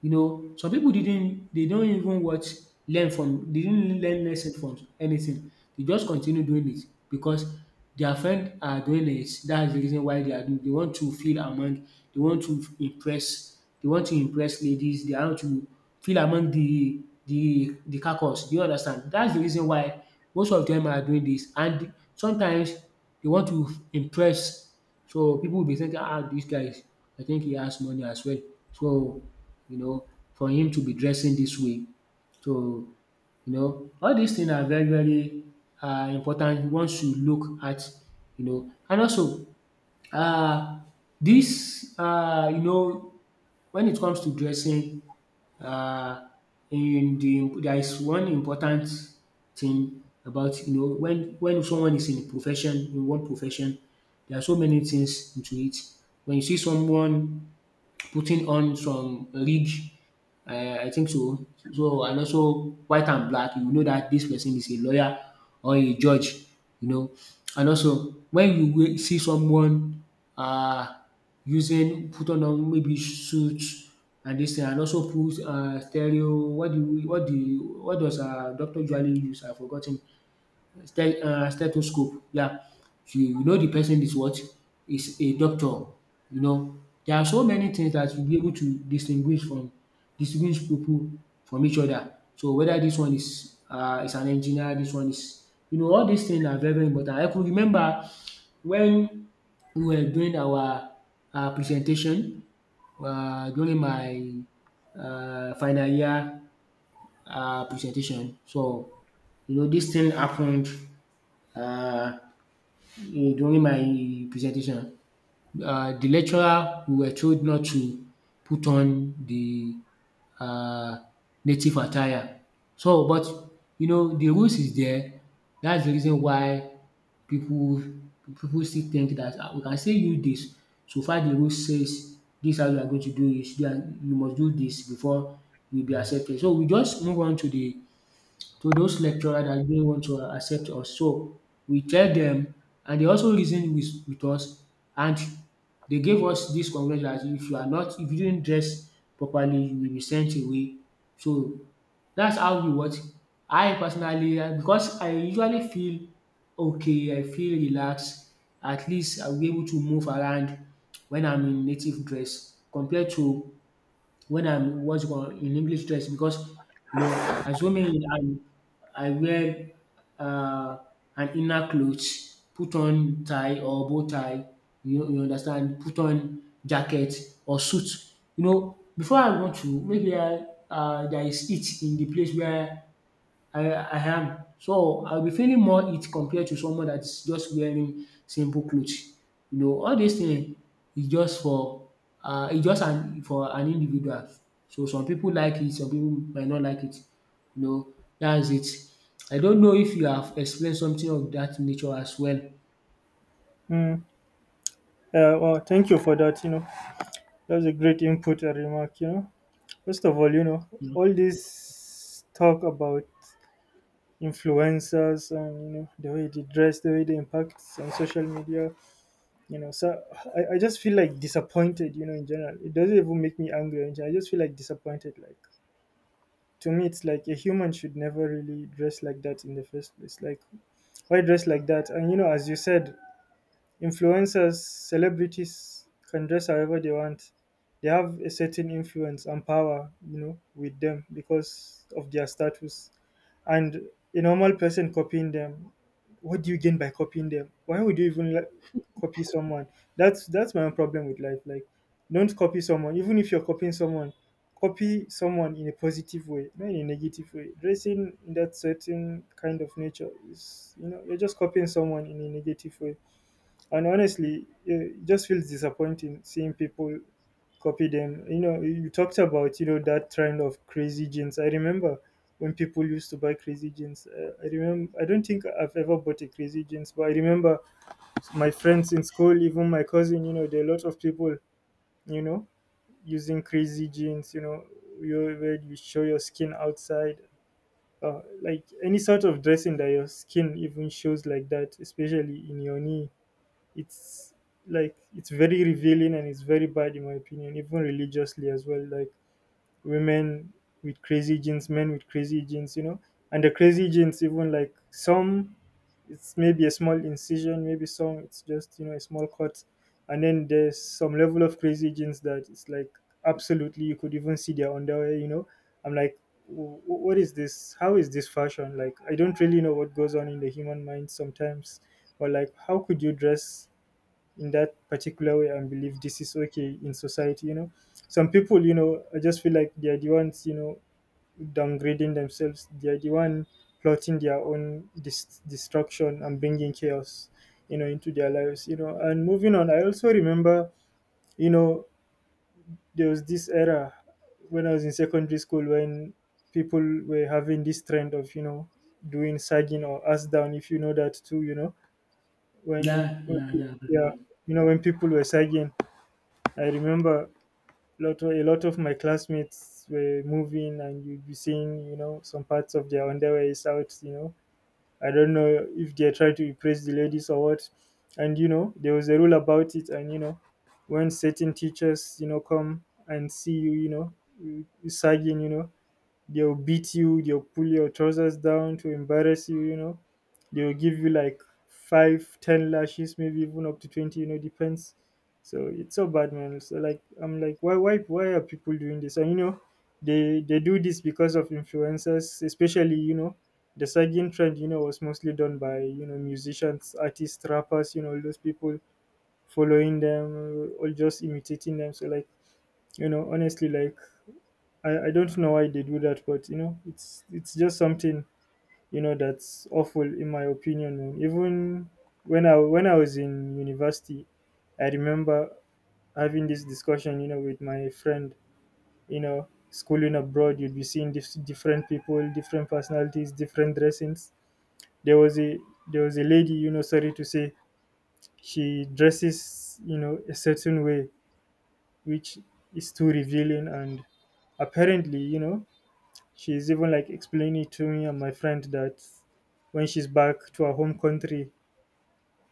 Speaker 2: you know. Some people didn't, they don't even what? Learn from, they didn't learn lesson from anything. They just continue doing it because their friend are doing it. That's the reason why they are doing, they want to feel among, they want to impress, they want to impress ladies. They want to feel among the carcass. Do you understand? That's the reason why most of them are doing this. And sometimes they want to impress. So people will be thinking, ah, this guy, I think he has money as well. So, you know, for him to be dressing this way. So, you know, all these things are very, very important once you look at, you know. And also uh, this, you know, when it comes to dressing, uh, in the there is one important thing about, you know, when someone is in profession, in one profession, there are so many things into it. When you see someone putting on some rig, I think so. So and also white and black, you know that this person is a lawyer or a judge, you know. And also when you wai see someone, um using put on maybe suit, and this thing, and also put stereo, what do you, what do you, what does doctor usually use? I forgot ten stethoscope. Yeah. So, you know the person is what? Is a doctor. You know, there are so many things that you'll be able to distinguish from, distinguish people from each other. So whether this one is an engineer, this one is, you know, all these things are very very important. I could remember when we were doing our presentation, during my final year presentation. So you know, this thing happened, uh, during my presentation, the lecturer, we were told not to put on the um native attire. So but you know, the rules is there, that's the reason why pipu still think dat we can still use dis. So far the rule says dis, how you are going to do it, you must do dis before you will be accepted. So we just move on to the to those lecturers that didn't want to accept us. So we tell them, and they also reason with us, and they gave us this congratulation. If you are not, if you didn't dress properly, you will be sent away. So that's how we watch. I personally because I usually feel okay, I feel relaxed. At least I'll be able to move around when I'm in native dress compared to when I'm what's called in English dress. Because you know as women, I wear uh, an inner clothes, put on tie or bow tie, you understand, put on jacket or suit. You know, before I want to, maybe I, there is heat in the place where I am. So I'll be feeling more heat compared to someone that is just wearing simple clothes. You know, all these thing is just for e just an for an individual. So some people like it, some people might not like it. You know, that's it. I don't know if you have explained something of that nature as well.
Speaker 1: mm. uh, well, thank you for that. That's a great input and remark. First of all, you know,
Speaker 2: You know,
Speaker 1: all this talk about influencers and, you know, the way they dress, the way they impact on social media, you know, so I just feel like disappointed, you know, in general. It doesn't even make me angry. In general, I just feel like disappointed. Like, to me, it's like a human should never really dress like that in the first place. Like, why dress like that? And, you know, as you said, influencers, celebrities can dress however they want. They have a certain influence and power, you know, with them because of their status. And a normal person copying them, what do you gain by copying them? Why would you even like copy someone? That's my own problem with life. Like, don't copy someone. Even if you're copying someone, copy someone in a positive way, not in a negative way. Dressing in that certain kind of nature is, you know, you're just copying someone in a negative way. And honestly, it just feels disappointing seeing people copy them. You know, you talked about that trend of crazy jeans. I remember when people used to buy crazy jeans. I remember. I don't think I've ever bought a crazy jeans, but I remember my friends in school, even my cousin. You know, there are a lot of people, you know, using crazy jeans. You know, you where you show your skin outside. Like any sort of dressing that your skin even shows like that, especially in your knee, it's like it's very revealing and it's very bad in my opinion, even religiously as well, like women with crazy genes, men with crazy genes, you know. And the crazy genes, even like some, it's maybe a small incision, maybe some, it's just, you know, a small cut, and then there's some level of crazy genes that it's like absolutely you could even see their underwear, you know. I'm like, "What is this? How is this fashion?" Like, I don't really know what goes on in the human mind sometimes, or like how could you dress in that particular way and believe this is okay in society? You know, some people, you know, I just feel like they're the ones, you know, downgrading themselves, they're the one plotting their own destruction and bringing chaos, you know, into their lives. You know, and moving on, I also remember, you know, there was this era when I was in secondary school when people were having this trend of, you know, doing sagging or ass down, if you know that too, you know, when,
Speaker 2: yeah
Speaker 1: when
Speaker 2: yeah yeah.
Speaker 1: yeah, you know, when people were sagging, I remember a lot of my classmates were moving, and you'd be seeing, you know, some parts of their underwear is out. You know, I don't know if they're trying to impress the ladies or what. And you know, there was a rule about it, and you know, when certain teachers, you know, come and see you, you know, you sagging, you know, they'll beat you, they'll pull your trousers down to embarrass you, you know. They'll give you like 5, 10 lashes, maybe even up to 20, you know, depends. So it's so bad, man. So like I'm like, why are people doing this? And you know, they do this because of influencers, especially, you know, the sagging trend, you know, was mostly done by, you know, musicians, artists, rappers, you know, all those people following them or just imitating them. So like, you know, honestly, like I don't know why they do that, but you know, it's just something, you know, that's awful in my opinion. Man. Even when I was in university, I remember having this discussion, you know, with my friend. You know, schooling abroad, you'd be seeing different people, different personalities, different dressings. There was a lady, you know, sorry to say, she dresses, you know, a certain way, which is too revealing, and apparently, you know, she's even like explaining to me and my friend that when she's back to her home country,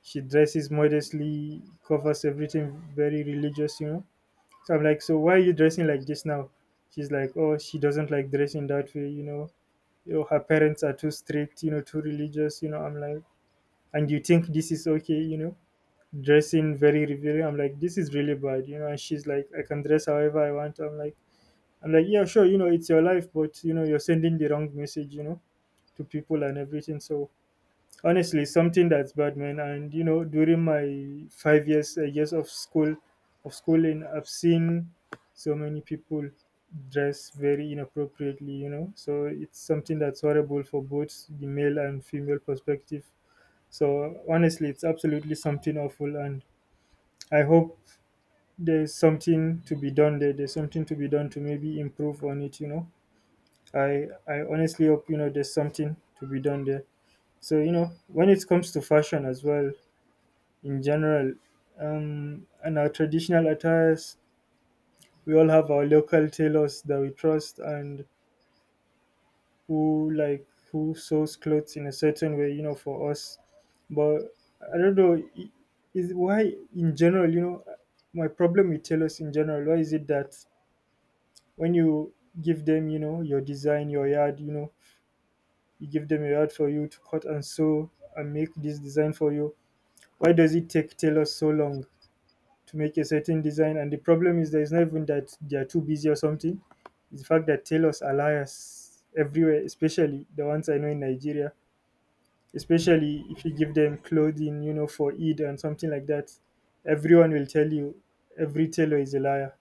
Speaker 1: she dresses modestly, covers everything, very religious, you know. So I'm like, so why are you dressing like this now? She's like, oh, she doesn't like dressing that way, you know. You know, her parents are too strict, you know, too religious, you know. I'm like, and you think this is okay, you know, dressing very revealing? I'm like, this is really bad, you know. And she's like, I can dress however I want. I'm like, yeah, sure, you know, it's your life, but you know, you're sending the wrong message, you know, to people and everything. So honestly, it's something that's bad, man. And you know, during my 5 years, of schooling, I've seen so many people dress very inappropriately. You know, so it's something that's horrible for both the male and female perspective. So honestly, it's absolutely something awful, and I hope there's something to be done there. There's something to be done to maybe improve on it. You know, I honestly hope, you know, there's something to be done there. So, you know, when it comes to fashion as well, in general, and our traditional attires, we all have our local tailors that we trust and who sews clothes in a certain way, you know, for us. But I don't know, is why in general, you know, my problem with tailors in general, why is it that when you give them, you know, your design, your yard, you know, you give them a yard for you to cut and sew and make this design for you, why does it take tailors so long to make a certain design? And the problem is that it's not even that they are too busy or something. It's the fact that tailors are liars everywhere, especially the ones I know in Nigeria. Especially if you give them clothing, you know, for Eid and something like that, everyone will tell you every tailor is a liar.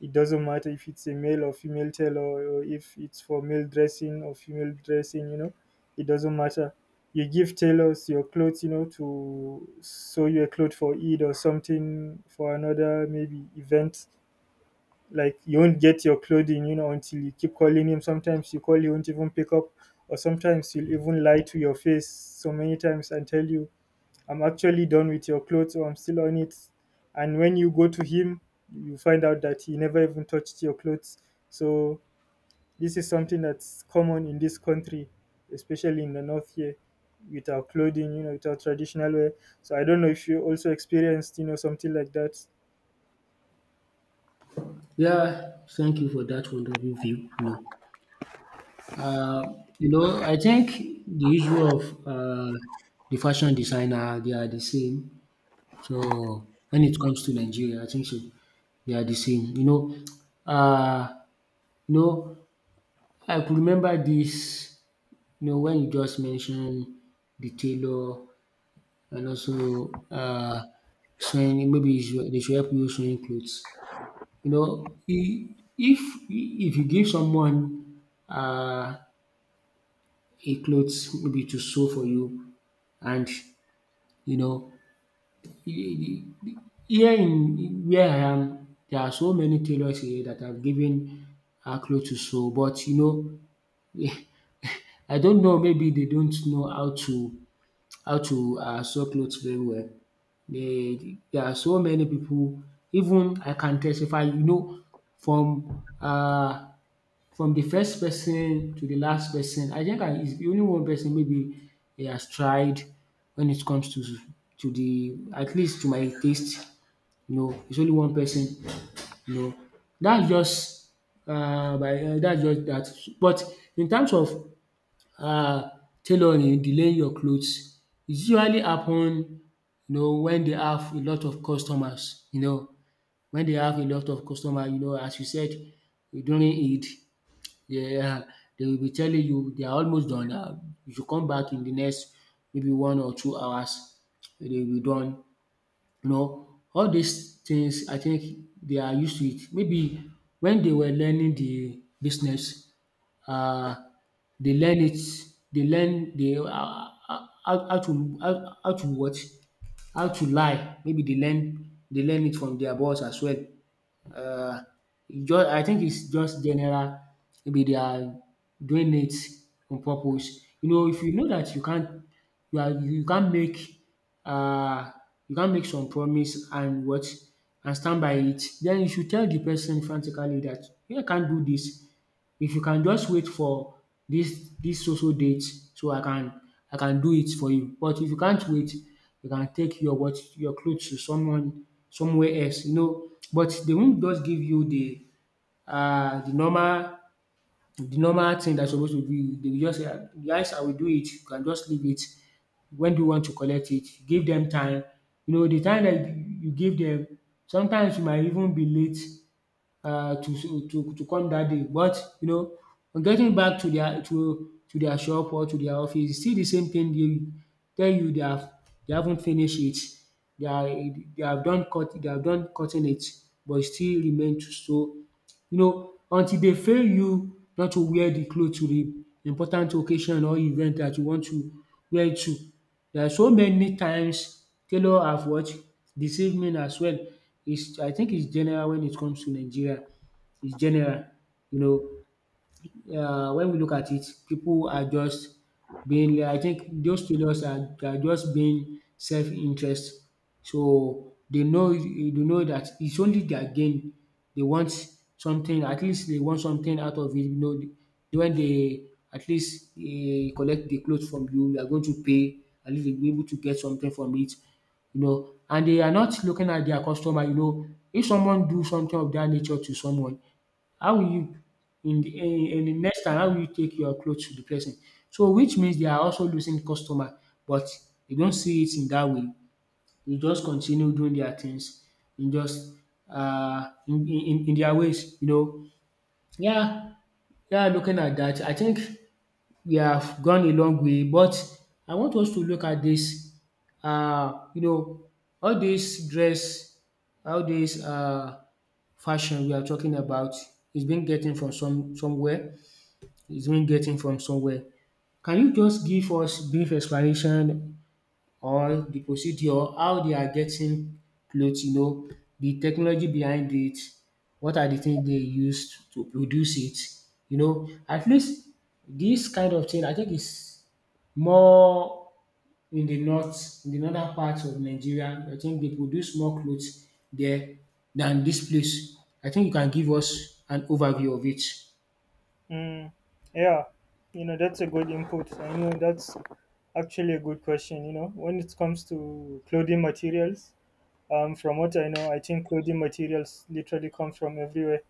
Speaker 1: It doesn't matter if it's a male or female tailor or if it's for male dressing or female dressing, you know, it doesn't matter. You give tailors your clothes, you know, to sew you a cloth for Eid or something for another maybe event. Like you won't get your clothing, you know, until you keep calling him. Sometimes you call, he won't even pick up, or sometimes he'll even lie to your face so many times and tell you I'm actually done with your clothes or I'm still on it. And when you go to him, you find out that he never even touched your clothes. So this is something that's common in this country, especially in the north here, with our clothing, you know, with our traditional wear. So I don't know if you also experienced, you know, something like that.
Speaker 2: Yeah, thank you for that wonderful view. No. Uh, you know, I think the issue of uh, the fashion designer, they are the same. So when it comes to Nigeria, I think so, they are the same. Uh, you know, I could remember this. You know, when you just mentioned the tailor and also sewing, maybe they should help you sewing clothes. You know, if you give someone uh, a clothes maybe to sew for you. And you know, here in where I am, there are so many tailors here that have given out clothes to sew, but you know, I don't know, maybe they don't know how to sew clothes very well. Dey there are so many people. Even I can testify, you know, from um from the first person to the last person. I think I is only one person, maybe he has tried when it comes to the, at least to my taste. You know, it's only one person. You know, that's just by that's just that. But in terms of uh, tailoring, delaying your clothes, it usually happen. You know, when they have a lot of customers. You know, when they have a lot of customers. You know, as you said during Eid, yeah, they will be telling you they are almost done now, you should come back in the next maybe 1 or 2 hours, they will be done. You know, all these things I think they are used to it. Maybe when they were learning the business, uh, they learn it. They learn they how to, what, how to lie. Maybe they learn it from their boss as well. Uh, e just, I think it's just general. Maybe they are doing it on purpose. You know, if you know that you are you can't make uh you can't make some promise and stand by it, then you should tell the person frantically that you can't do this. If you can just wait for this so date, so I can do it for you. But if you can't wait, you can take your clothes to someone somewhere else. But they won't just give you the normal thing dat supposed to be. They will just say, "Ah, guys, I will do it, you can just leave it. When do you want to collect it?’ Give them time. You know, the time that you give them. Sometimes you might even be late to come that day, but on getting back to their to their shop or to their office, it's still the same thing. They tell you they haven't finished it. They have done cutting it, but e still remain to so until they fail you, not to wear the cloth to the important occasion or event that you want to wear it to. There are so many times tailor have what? Deceived men as well. Is I think it's general when it comes to Nigeria. It's general. You know, when we look at it, people are just being I think those traders are just being self-interest. So they know that it's only their gain. They want something, at least they want something out of it. You know, when they at least collect the clothes from you, you are going to pay, at least they will be able to get something from it. You know, and they are not looking at their customer. You know, if someone do something of that nature to someone, how will you in the eh, in the next time, how will you take your clothes to the person? So which means they are also losing customer, but they don't see it in that way. They just continue doing their things in just in their ways, you know. Yeah, yeah, looking at that, I think we have gone a long way, but I want us to look at this. Uh, you know all this dress, all this fashion we are talking about is been getting from somewhere is being getting from somewhere. Can you just give us brief explanation on the procedure, how they are getting clothes, the technology behind it, what are the things they used to produce it, at least this kind of thing I think is more in the north, in the northern part of Nigeria. I think they produce more clothes there than this place. I think you can give us an overview of it.
Speaker 1: Mm, yeah, you know, that's a good input. I know that's actually a good question, you know, when it comes to clothing materials. From what I know, I think clothing materials literally come from everywhere.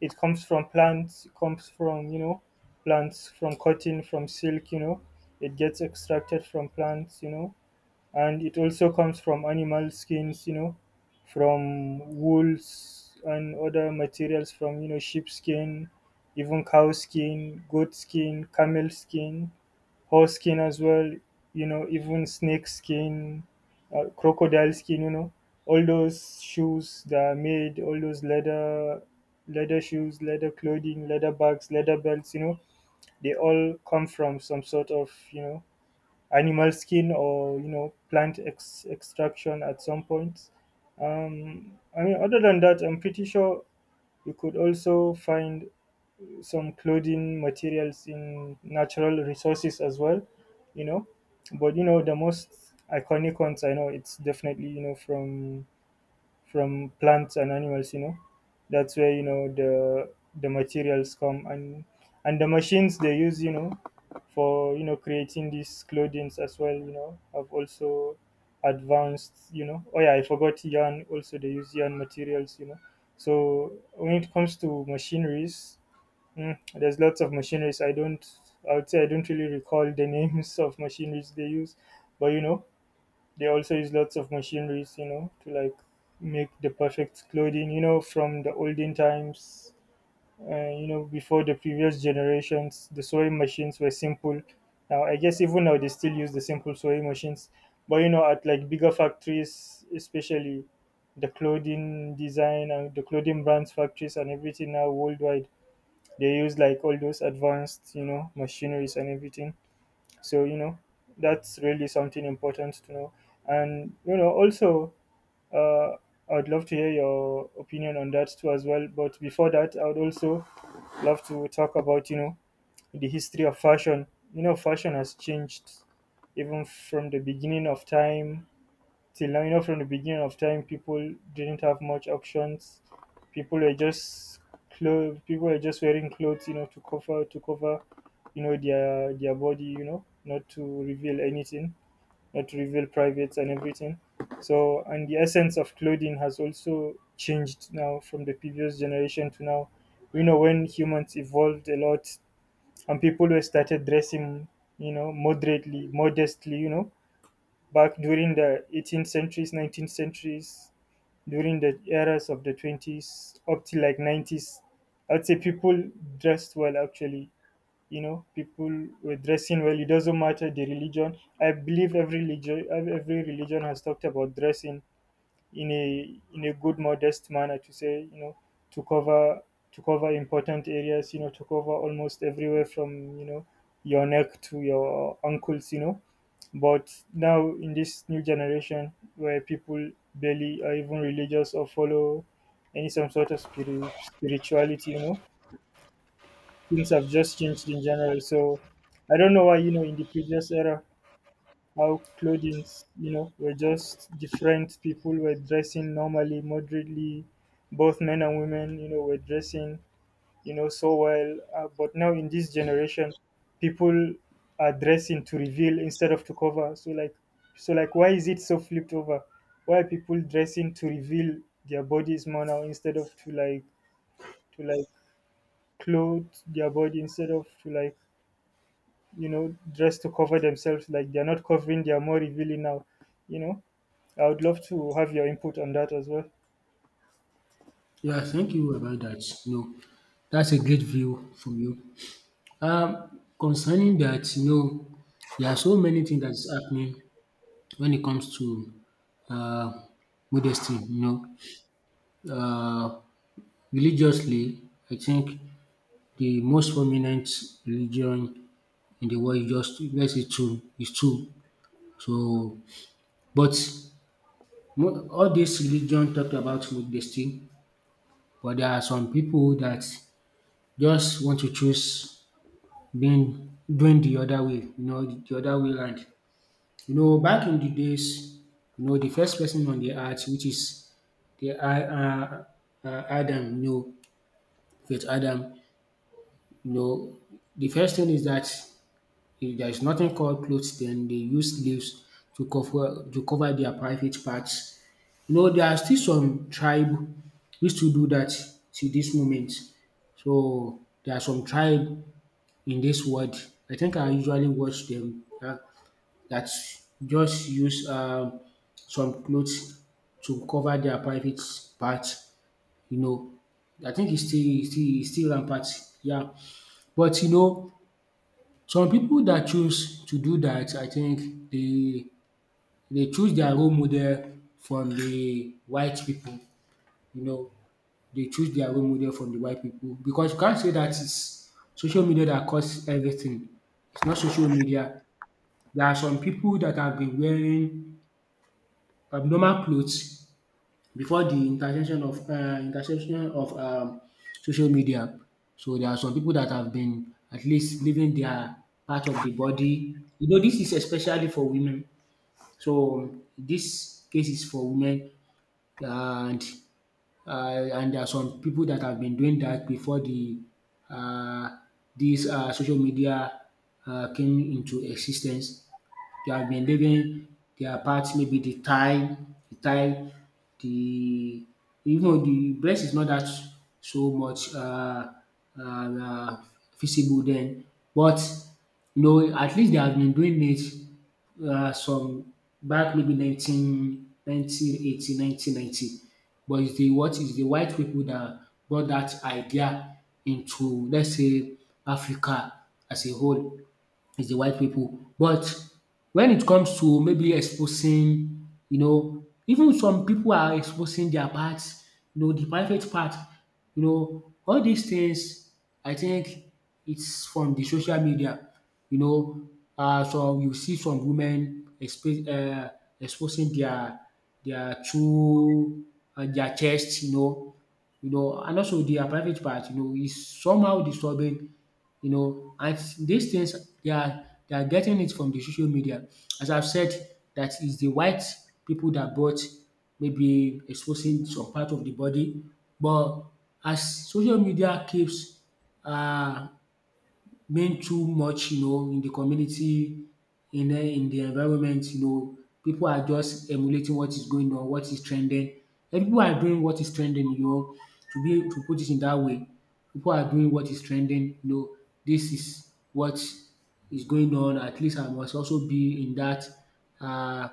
Speaker 1: It comes from plants, it comes from, you know, from cotton, from silk, you know, it gets extracted from plants, you know, and it also comes from animal skins, you know, from wools and other materials from, you know, sheep skin, even cow skin, goat skin, camel skin, horse skin as well, you know, even snake skin, crocodile skin, you know, all those shoes that are made, all those leather, leather shoes, leather clothing, leather bags, leather belts, you know, they all come from some sort of, you know, animal skin or, you know, plant extraction at some point. I mean, other than that, I'm pretty sure you could also find some clothing materials in natural resources as well, you know. But you know, the most iconic ones I know, it's definitely, you know, from plants and animals, you know. That's where, you know, the materials come, and the machines they use, you know, for, you know, creating these clothings as well, you know, have also advanced. You know, oh yeah, I forgot, yarn also, they use yarn materials, you know. So when it comes to machineries, there's lots of machineries. I would say I don't really recall the names of machineries they use, but you know, they also use lots of machineries, you know, to like make the perfect clothing, you know. From the olden times, you know, before the previous generations, the sewing machines were simple. Now, I guess even now they still use the simple sewing machines, but you know, at like bigger factories, especially the clothing design and the clothing brands factories and everything now worldwide, they use like all those advanced, you know, machineries and everything. So, you know, that's really something important to know. And, you know, also, uh, I'd love to hear your opinion on that too as well. But before that, I would also love to talk about, you know, the history of fashion. You know, fashion has changed even from the beginning of time till now. You know, from the beginning of time, people didn't have much options. People were just clothes. People were just wearing clothes, you know, to cover, you know, their body, you know, not to reveal anything, not to reveal privates and everything. So, and the essence of clothing has also changed now from the previous generation to now. You know, when humans evolved a lot and people were started dressing, you know, moderately, modestly, you know, back during the 18th centuries, 19th centuries, during the eras of the 20s up to like 90s. I'd say people dressed well actually. You know, people were dressing well. It doesn't matter the religion. I believe every religion has talked about dressing in a good modest manner, to say you know, to cover important areas, you know, to cover almost everywhere, from you know, your neck to your ankles, you know. But now in this new generation, where people barely are even religious or follow any some sort of spirituality, you know, things have just changed in general. So I don't know why, you know, in the previous era, how clothings, you know, were just different. People were dressing normally, moderately. Both men and women, you know, were dressing, you know, so well. But now in this generation, people are dressing to reveal instead of to cover. So like, why is it so flipped over? Why are people dressing to reveal their bodies more now, instead of to like clothe their body, instead of to like, you know, dress to cover themselves? Like they're not covering, they are more revealing now. You know, I would love to have your input on that as well.
Speaker 2: Yeah, thank you about that. No, that's a great view from you. Concerning that, there are so many things that's happening when it comes to uh, modesty. You know, religiously, I think the most prominent religion in the world is, just let's say two, is two. So, but all this religion talked about modesty, but there are some people that just want to choose been doing the other way, you know, the other way round. You know, back in the days, the first person on the earth, which is the Adam, you know, with Adam, you know, the first thing is that if there is nothing called clothes, then they use leaves to cover their private parts. You know, there are still some tribe which to do that to this moment. So there are some tribe in this world. I think I usually watch them, that just use some clothes to cover their private parts. You know, I think it's still rampant. Yeah, but you know, some people that choose to do that, I think they choose their role model from the white people. You know, they choose their role model from the white people, because you can't say that it's social media that caused everything. It's not social media. There are some people that have been wearing abnormal clothes before the intervention of, interception of, social media. So there are some people that have been at least leaving their part of the body. You know, this is especially for women. So this case is for women, and and there are some people that have been doing that before the um dis social media came into existence. They have been living their part, maybe the thigh, the thigh, the even though the breast is not that so much um visible then, but you know, at least they have been doing it, some back, maybe nineteen eighty, 1990, but it's the what is the white people that brought that idea into, let's say, Africa as a whole. Is the white people. But when it comes to maybe exposing, you know, even some people are exposing their parts, you know, the private part, you know, all these things, I think it's from the social media. You know, some, you see some women exposing their true their chest, you know, you know, and also their private part, you know, is somehow disturbing, you know. And these things, they are getting it from the social media. As I've said, that is the white people that bought maybe exposing some part of the body, but as social media keeps um being too much, you know, in the community, in the environment, you know, people are just emulating what is going on, what is trending. And people are doing what is trending, you know, to put it in that way. People are doing what is trending, you know, this is what is going on. At least I must also be in that, uh,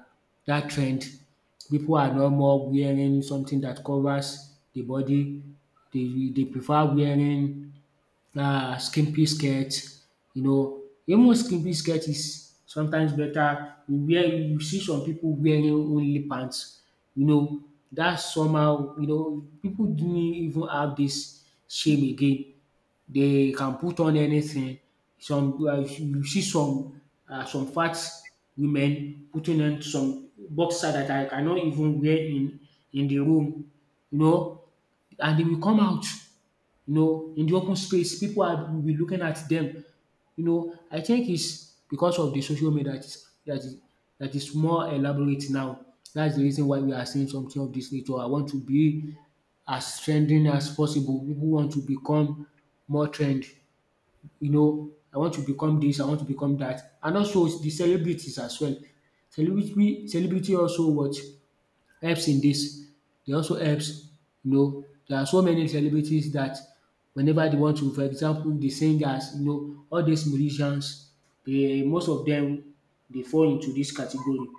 Speaker 2: that trend. People are no more wearing something that covers the body. They prefer wearing, skimpy skirt, you know, even skimpy skirt is sometimes better. You see some people wearing only pants, you know, that's somehow, people didn't even have this shame again. They can put on anything. Some You see some some fat women putting on some boxer that I cannot even wear in the room, you know, and they will come out, you know, in the open space, people are will be looking at them. You know, I think it's because of the social media that is more elaborate now. That's the reason why we are seeing something of this nature. I want to be as trending as possible. People want to become more trend. You know, I want to become this, I want to become that. And also the celebrities as well. Celebrity also what helps in this. They also helps. You know, there are so many celebrities that, whenever they want to, for example, the singers, you know, all these musicians, they, most of them, they fall into this category.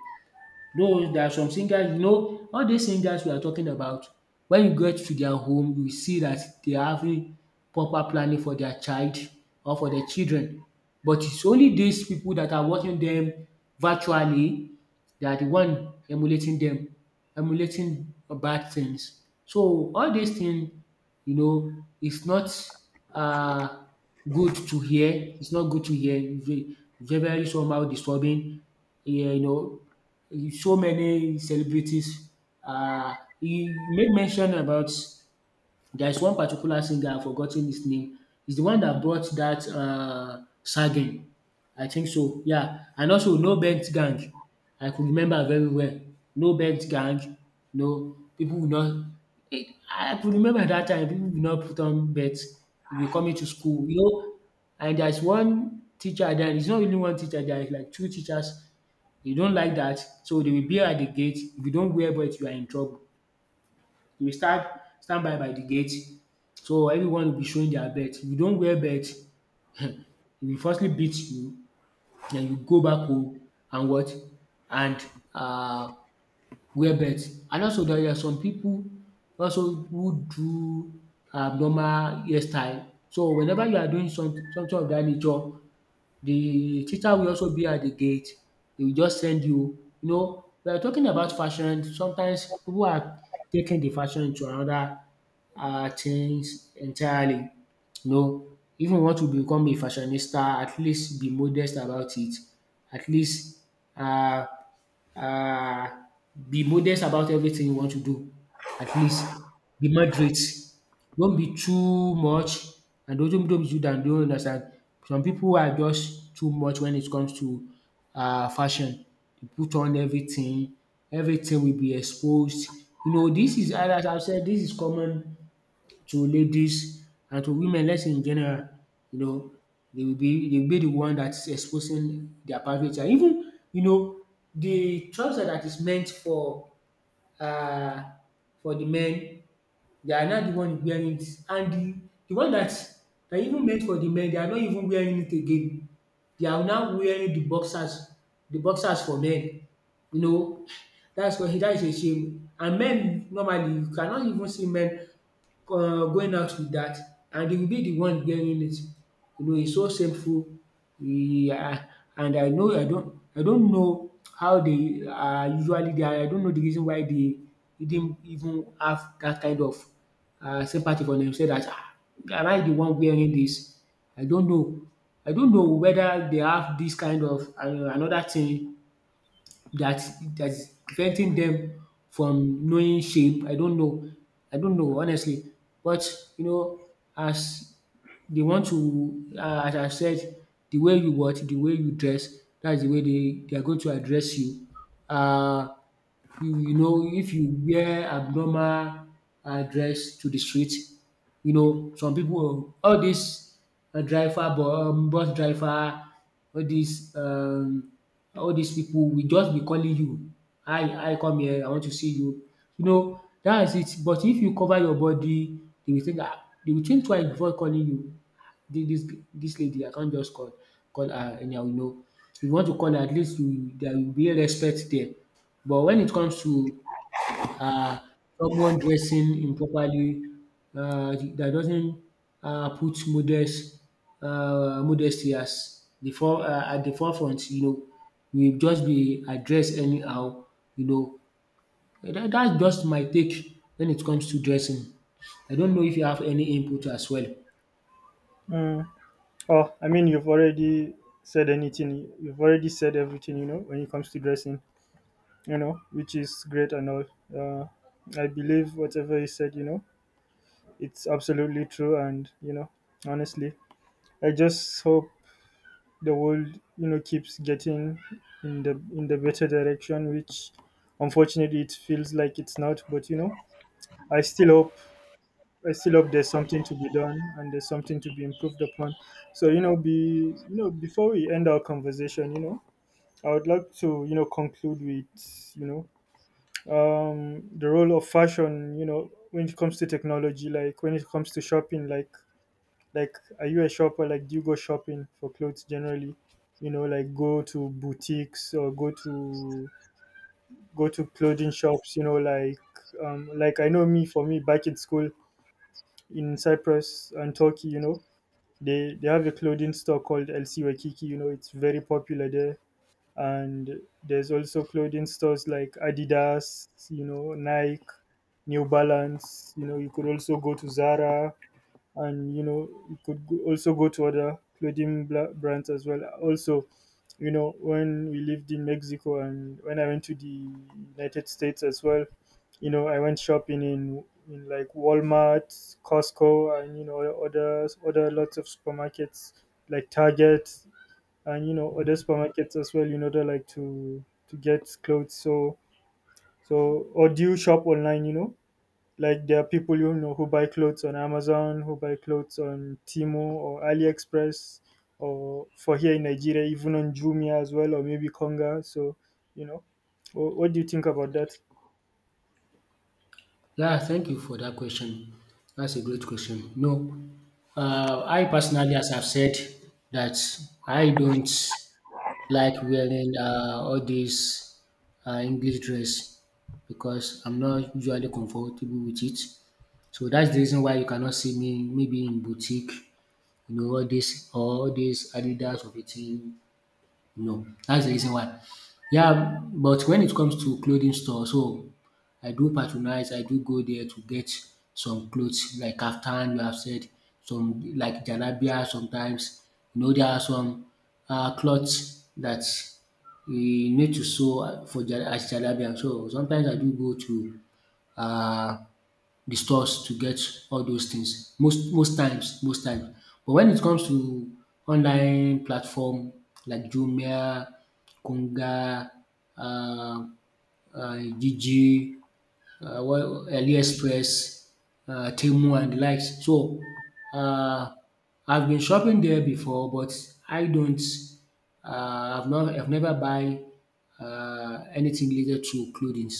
Speaker 2: Though there are some singers, you know, all these singers we are talking about, when you get to their home, you will see that they are having proper planning for their child or for their children. But it's only these people that are watching them virtually, they are the one emulating them, emulating bad things. So all these things, you know, it's not uh, good to hear. It's not good to hear. It's very somehow disturbing. Yeah, you know, so many celebrities. Uh, he made mention about, there is one particular singer, I've forgotten his name. He's the one that brought that, Sagen, I think so. Yeah. And also No Bent Gang. I could remember very well. No Bent Gang. No, people will not. I could remember that time, people will not put on bets. You'll coming to school, you know. And there's one teacher there. It's not really one teacher there. It's like two teachers. You don't like that, so they will be at the gate. If you don't wear belt, you are in trouble. You will stand by the gate. So everyone will be showing their belt. If you don't wear belt, um will firstly beat you, then you go back home and what? And um wear belt. And also there are some people also who do abnormal hairstyle. So whenever you are doing something of that nature, the teacher will also be at the gate, he will just send you. You know, we are talking about fashion, sometimes pipu are taking the fashion to another things entirely. You know, if you want to become a fashionista, at least be modest about it. At least uh. Uh, be modest about everything you want to do. At least be moderate. Don't be too much, and don't be too down. Don't understand. Some people are just too much when it comes to fashion. They put on everything. Everything will be exposed. You know, this is as I've said. This is common to ladies and to women, let's say, in general, you know, they will be the one that is exposing their private life. Even, you know, the trouser that is meant uh for the men, they are not the one wearing it, and the one that that even meant for the men, they are not even wearing it again. They are now wearing the boxers for men, you know, that's why that is a shame. And men normally, you cannot even see men going out with that, and they will be the one wearing it. You know, it's so shameful. Yeah, and I know I don't know how they are usually, they, I don't know the reason why they didn't even have that kind of sympathy for them. Say that, "Ah, am I the one wearing this? I don't know. I don't know whether they have this kind of another thing that that's preventing them from knowing shape." I don't know. I don't know, honestly. But, you know, as they want to, as I said, the way you dress, that's the way they are going to address you. Uh, you, you know, if you wear abnormal dress to the street, you know some people, all dis driver bu- bus driver, all these um all these people will just be calling you, I "Come here? I want to see you." You know, that is it. But if you cover your body, they will think, "Ah," they will think twice before calling you. "This this lady, I can't just call her anyhow," you know. If you want to call her, at least you, there will be respect there. But when it comes to, uh, someone dressing improperly, that doesn't, put modesty as the fore at the forefront, you know, will just be addressed anyhow, you know. That's just my take when it comes to dressing. I don't know if you have any input as well.
Speaker 1: Mm. Oh, I mean, you've already said anything. You've already said everything, you know, when it comes to dressing, you know, which is great and all. I believe whatever you said, you know, it's absolutely true. And, you know, honestly, I just hope the world, you know, keeps getting in the better direction, which unfortunately it feels like it's not. But, you know, I still hope I still hope there's something to be done and there's something to be improved upon. So you know, be you know, before we end our conversation, you know, I would like to, you know, conclude with, you know, the role of fashion. You know, when it comes to technology, like when it comes to shopping, like are you a shopper? Like, do you go shopping for clothes generally? You know, like go to boutiques or go to clothing shops. You know, like I know me, back in school in Cyprus and Turkey, you know, they have a clothing store called LC Waikiki. You know, it's very popular there. And there's also clothing stores like Adidas, you know, Nike, New Balance. You know, you could also go to Zara, and you know, it could go- also go to other clothing brands as well. Also, you know, when we lived in Mexico, and when I went to the United States as well, you know, I went shopping in like Walmart, Costco, and you know, other lots of supermarkets like Target, and you know, other supermarkets as well, in order like to get clothes. So so, or do you shop online? You know, like there are people, you know, who buy clothes on Amazon, who buy clothes on Timo or AliExpress, or for here in Nigeria, even on Jumia as well, or maybe Konga. So you know, what do you think about that?
Speaker 2: Yeah, thank you for that question. That's a great question. No, I personally, as I've said, that I don't like wearing all these English dress because I'm not usually comfortable with it. So that's the reason why you cannot see me maybe in boutique, you know, all this Adidas of a thing, no, that's the reason why. Yeah, but when it comes to clothing store, so I do patronize, I do go there to get some clothes like kaftan, you have said, some like jalabia sometimes. You know, there are some clothes that you need to sew for as jalabia. So sometimes I do go to uh, the stores to get all those things, most times most times. But when it comes to online platform like Jumia, Konga, um Jiji, what AliExpress, Temu and the likes. So uh, I've been shopping there before, but I don't, I've never buy anything related to clothing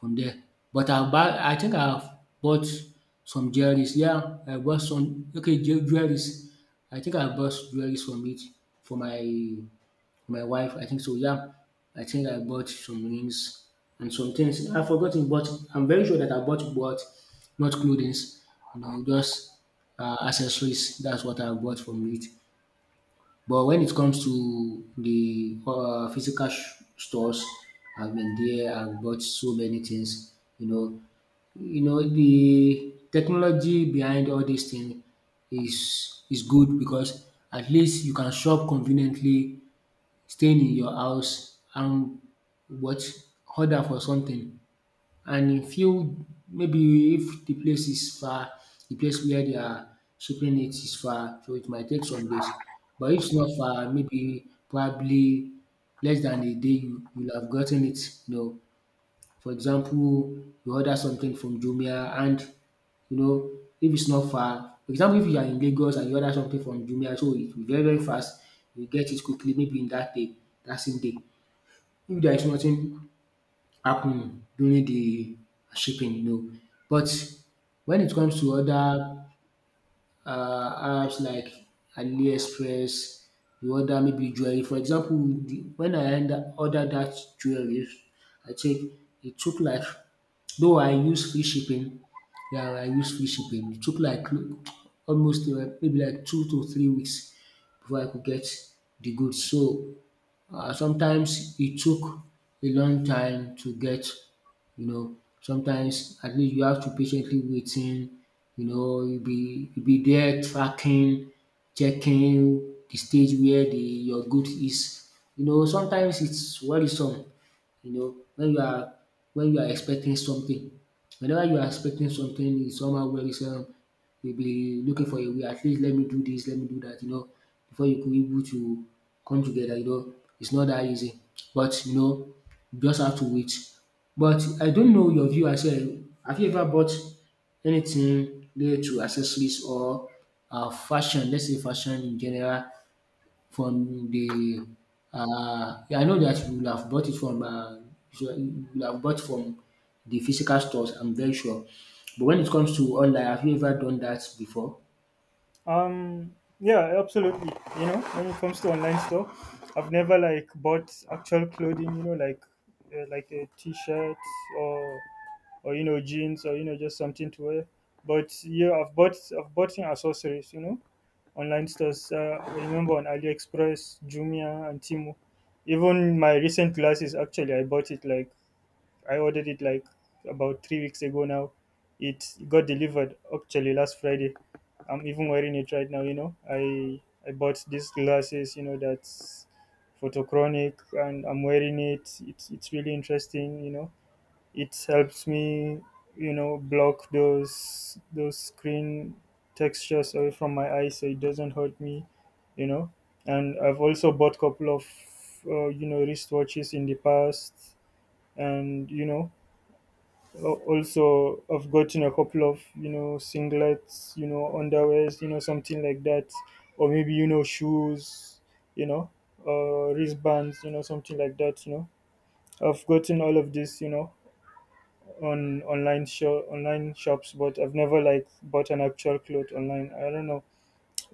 Speaker 2: from there. But I think I've bought some jewelries. Yeah, I bought some, okay, jewelries. I think I bought jewelries from it for my for my wife. I think so. Yeah, I think I bought some rings and some things. I've forgotten, but I'm very sure that I bought not clothing. You know, just accessories. That's what I bought from it. But when it comes to the uh, physical stores, I've been there. I've bought so many things. You know the technology behind all these things is good because at least you can shop conveniently, staying in your house and what, order for something, and e fit, maybe if the place is far, the place where they are shipping it is far, so it might take some days. But if it's not far, maybe probably less than a day you will have gotten it, you know. For example, you order something from Jumia, and you know, if it's not far, for example, if you are in Lagos and you order something from Jumia, so it will be very very fast, you get it quickly, maybe in that day, that same day. If there is nothing happen during the shipping, you know. But when it comes to other apps like AliExpress, you order maybe jewelry. For example, the, when I ordered that jewelry, I think it took like, though I use free shipping, yeah, I use free shipping. It took like almost maybe like 2 to 3 weeks before I could get the goods. So sometimes it took a long time to get, you know, sometimes at least you have to patiently waiting, you know, you be there tracking, checking the stage where the your good is. You know, sometimes it's worrisome. You know, when you are, when you are expecting something, whenever you are expecting something, it's somehow worrisome. You'll be looking for a way, at least let me do this, let me do that, you know, before you could be able to come together, you know. It's not that easy. But you know, you just have to wait. But I don't know your view as well. Have you ever bought anything related to accessories or fashion, let's say fashion in general, from the yeah, I know that you will have bought it from, you you will have bought from the physical stores. I'm very sure. But when it comes to online, have you ever done that before?
Speaker 1: Yeah, absolutely. You know, when it comes to online store, I've never like bought actual clothing. You know, like a t-shirt or you know jeans, or you know, just something to wear. But yeah, I've bought in accessories. You know, online stores. I remember on AliExpress, Jumia, and Temu. Even my recent glasses, actually, I ordered it like about 3 weeks ago now. It got delivered actually last Friday. I'm even wearing it right now. You know, I bought these glasses. You know, that's photochronic, and I'm wearing it. It's really interesting. You know, it helps me, you know, block those screen textures away from my eyes so it doesn't hurt me, you know. And I've also bought couple of, you know, wristwatches in the past, and you know, also I've gotten a couple of, you know, singlets, you know, underwears, you know, something like that, or maybe, you know, shoes, you know, wristbands, you know, something like that, you know. I've gotten all of this, you know, on online shops. But I've never like bought an actual cloth online, I don't know.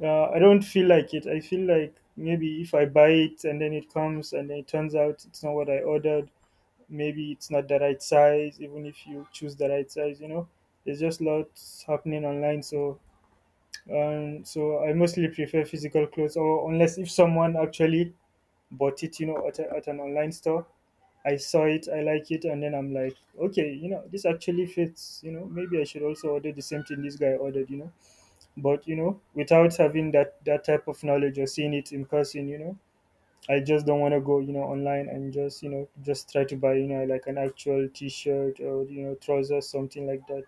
Speaker 1: I don't feel like it, I feel like maybe if I buy it and then it comes and then it turns out it's not what I ordered, maybe it's not the right size. Even if you choose the right size, you know, there's just lots happening online. So so I mostly prefer physical clothes, or unless if someone actually bought it, you know, at an online store, I saw it, I like it, and then I'm like, okay, you know, this actually fits. You know, maybe I should also order the same thing this guy ordered. You know, but you know, without having that type of knowledge, or seeing it in person, you know, I just don't want to go, you know, online and just, you know, just try to buy, you know, like an actual T-shirt, or you know, trousers, something like that.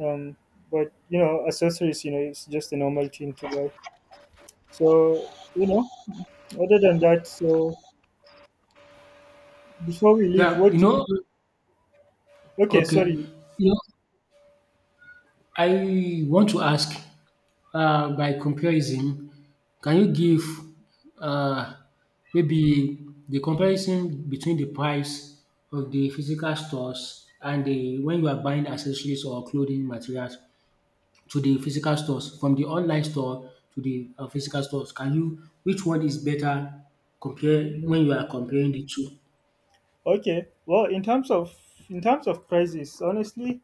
Speaker 1: Um, but you know, accessories, you know, it's just a normal thing to buy. So you know, other than that, so before we leave,
Speaker 2: Yeah,
Speaker 1: what
Speaker 2: you
Speaker 1: do
Speaker 2: know,
Speaker 1: you? Okay,
Speaker 2: okay. You
Speaker 1: sorry.
Speaker 2: know, I want to ask, by comparison, can you give uh, maybe the comparison between the price of the physical stores and the, when you are buying accessories or clothing materials, to the physical stores, from the online store to the physical stores. Can you, which one is better, compare when you are comparing the two?
Speaker 1: Okay. Well, in terms of prices, honestly,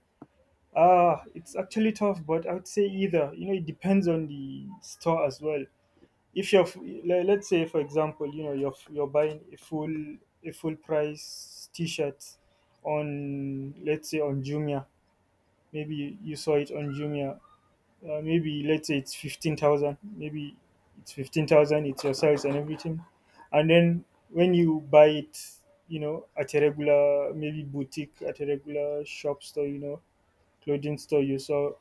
Speaker 1: it's actually tough, but I would say either. You know, it depends on the store as well. If you're let's say, for example, you know, you're buying a full price t-shirt on, let's say, on Jumia. Maybe you saw it on Jumia, maybe let's say it's 15,000, maybe it's 15,000, it's your size and everything. And then when you buy it, you know, at a regular, maybe boutique, at a regular shop store, you know, clothing store, you saw,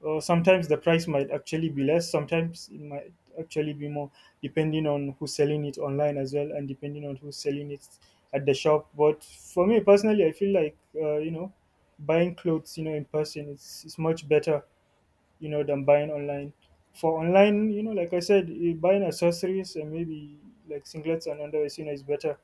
Speaker 1: or sometimes the price might actually be less, sometimes it might actually be more, depending on who's selling it online as well, and depending on who's selling it at the shop. But for me personally, I feel like, you know, buying clothes, you know, in person, it's much better, you know, than buying online. For online, you know, like I said, buying accessories and maybe like singlets and underwear, you know, is better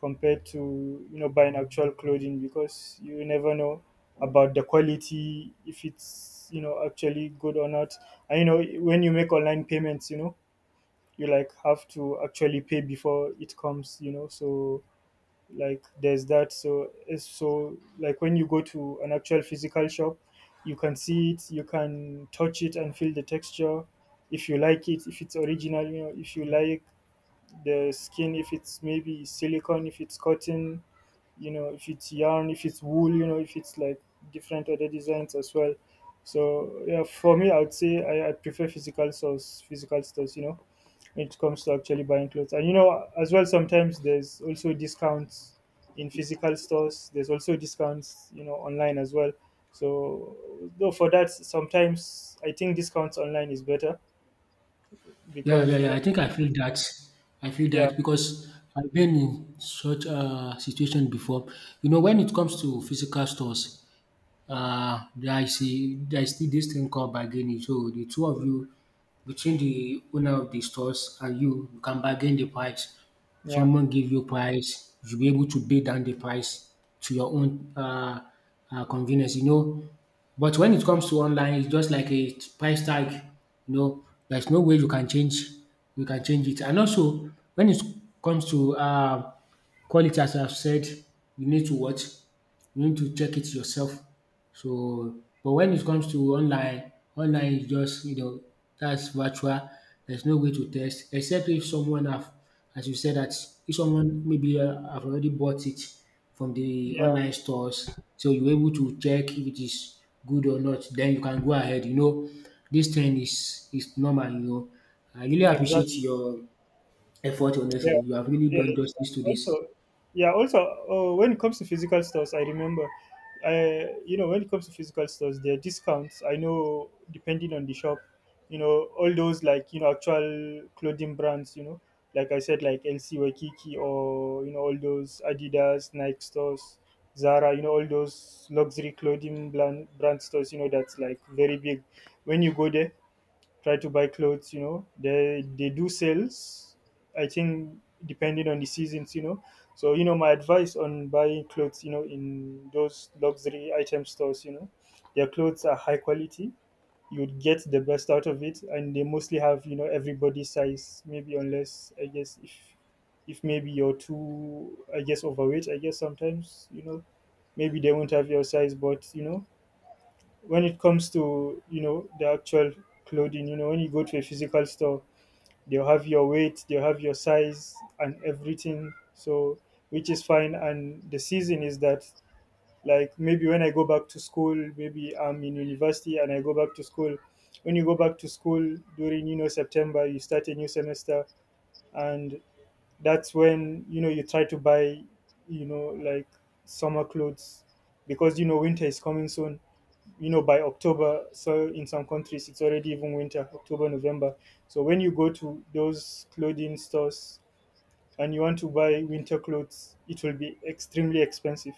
Speaker 1: compared to, you know, buying actual clothing, because you never know about the quality, if it's, you know, actually good or not. And you know, when you make online payments, you know, you like have to actually pay before it comes, you know. So like there's that. So it's so like when you go to an actual physical shop, you can see it, you can touch it and feel the texture, if you like it, if it's original, you know, if you like the skin, if it's maybe silicone, if it's cotton, you know, if it's yarn, if it's wool, you know, if it's like different other designs as well. So yeah, for me, I would say I prefer physical stores, you know, it comes to actually buying clothes. And you know, as well, sometimes there's also discounts in physical stores. There's also discounts, you know, online as well. So, though for that, sometimes I think discounts online is better
Speaker 2: Yeah,
Speaker 1: because
Speaker 2: yeah,
Speaker 1: you
Speaker 2: yeah.
Speaker 1: know,
Speaker 2: I think I feel that. I feel
Speaker 1: yeah,
Speaker 2: that because I've been in such a situation before. You know, when it comes to physical stores, there is a, there is still dis thing called bargaining. So the two of you, between the owner of the stores and you can bargain the price.
Speaker 1: yeah,
Speaker 2: Someone give you price, you'll be able to bid down the price to your own convenience, you know. But when it comes to online, it's just like a price tag, you know, there's no way you can change, you can change it. And also when it comes to quality, as I've said, you need to watch, you need to check it yourself. So, but when it comes to online, online is just, you know, that's virtual. There's no way to test except if someone have, as you said, that if someone maybe have already bought it from the
Speaker 1: yeah,
Speaker 2: online stores, so you're able to check if it is good or not. Then you can go ahead. You know, this thing is normal. You know, I really
Speaker 1: exactly.
Speaker 2: appreciate your effort. Honestly, you have really
Speaker 1: Yeah,
Speaker 2: done
Speaker 1: it's
Speaker 2: justice
Speaker 1: fine.
Speaker 2: to this.
Speaker 1: Also, yeah, also, when it comes to physical stores, I remember, you know, when it comes to physical stores, there are discounts. I know, depending on the shop, you know, all those, like, you know, actual clothing brands, you know, like I said, like LC Waikiki, or, you know, all those Adidas, Nike stores, Zara, you know, all those luxury clothing brand stores, you know, that's, like, very big. When you go there, try to buy clothes, you know, they do sales, I think, depending on the seasons, you know. So, you know, my advice on buying clothes, you know, in those luxury item stores, you know, their clothes are high quality. You'd get the best out of it, and they mostly have, you know, everybody's size, maybe unless, I guess, if maybe you're too, I guess, overweight, I guess, sometimes, you know, maybe they won't have your size. But you know, when it comes to, you know, the actual clothing, you know, when you go to a physical store, they'll have your weight, they'll have your size and everything, so, which is fine. And the season is that, like, maybe when I go back to school, maybe I'm in university and I go back to school, when you go back to school during, you know, September, you start a new semester, and that's when, you know, you try to buy, you know, like, summer clothes, because, you know, winter is coming soon, you know, by October. So in some countries it's already even winter, October, November. So when you go to those clothing stores and you want to buy winter clothes, it will be extremely expensive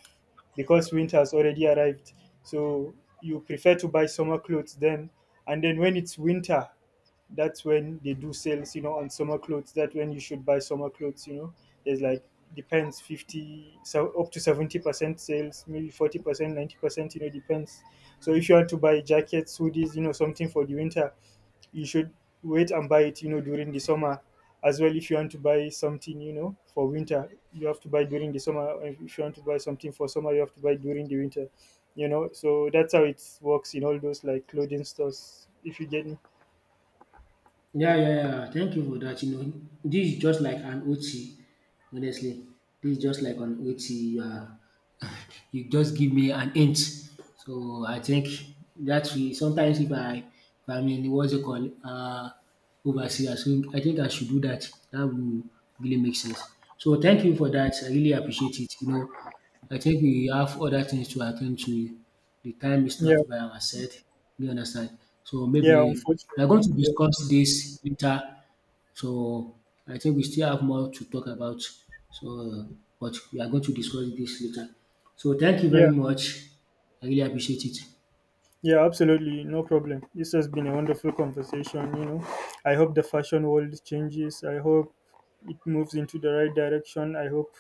Speaker 1: because winter has already arrived. So you prefer to buy summer clothes then, and then when it's winter, that's when they do sales, you know, on summer clothes. That's when you should buy summer clothes, you know. There's, like, depends, 50, so up to 70% sales, maybe 40%, 90%, you know, depends. So if you want to buy jackets, hoodies, you know, something for the winter, you should wait and buy it, you know, during the summer. As well, if you want to buy something, you know, for winter, you have to buy during the summer. If you want to buy something for summer, you have to buy during the winter, you know. So that's how it works in all those, like, clothing stores, if you get me.
Speaker 2: Yeah, yeah, yeah. Thank you for that. You know, this is just like an OT. Honestly, this is just like an OT. You are, you just give me an hint. So I think that we sometimes if I, in what's it called, overseas, I think I should do that. That will really make sense. So thank you for that. I really appreciate it. You know, I think we have other things to attend to. The time is
Speaker 1: Yeah,
Speaker 2: not by our side. You understand? So
Speaker 1: yeah,
Speaker 2: maybe we are
Speaker 1: unfortunately,
Speaker 2: going to
Speaker 1: yeah,
Speaker 2: discuss this later. So I think we still have more to talk about. So, but we are going to discuss this later. So thank you
Speaker 1: yeah.
Speaker 2: very much. I really appreciate it.
Speaker 1: Yeah, absolutely. No problem. This has been a wonderful conversation, you know. I hope the fashion world changes. I hope it moves into the right direction. I hope,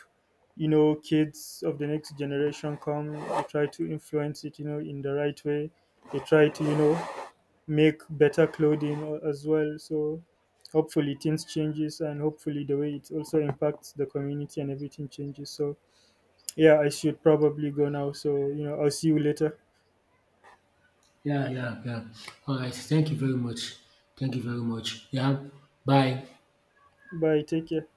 Speaker 1: you know, kids of the next generation come, they try to influence it, you know, in the right way. They try to, you know, make better clothing as well. So hopefully things changes, and hopefully the way it also impacts the community and everything changes. So yeah, I should probably go now. So, you know, I'll see you later.
Speaker 2: Yeah, yeah, yeah. All right. Thank you very much. Thank you very much. Yeah. Bye.
Speaker 1: Bye. Take care.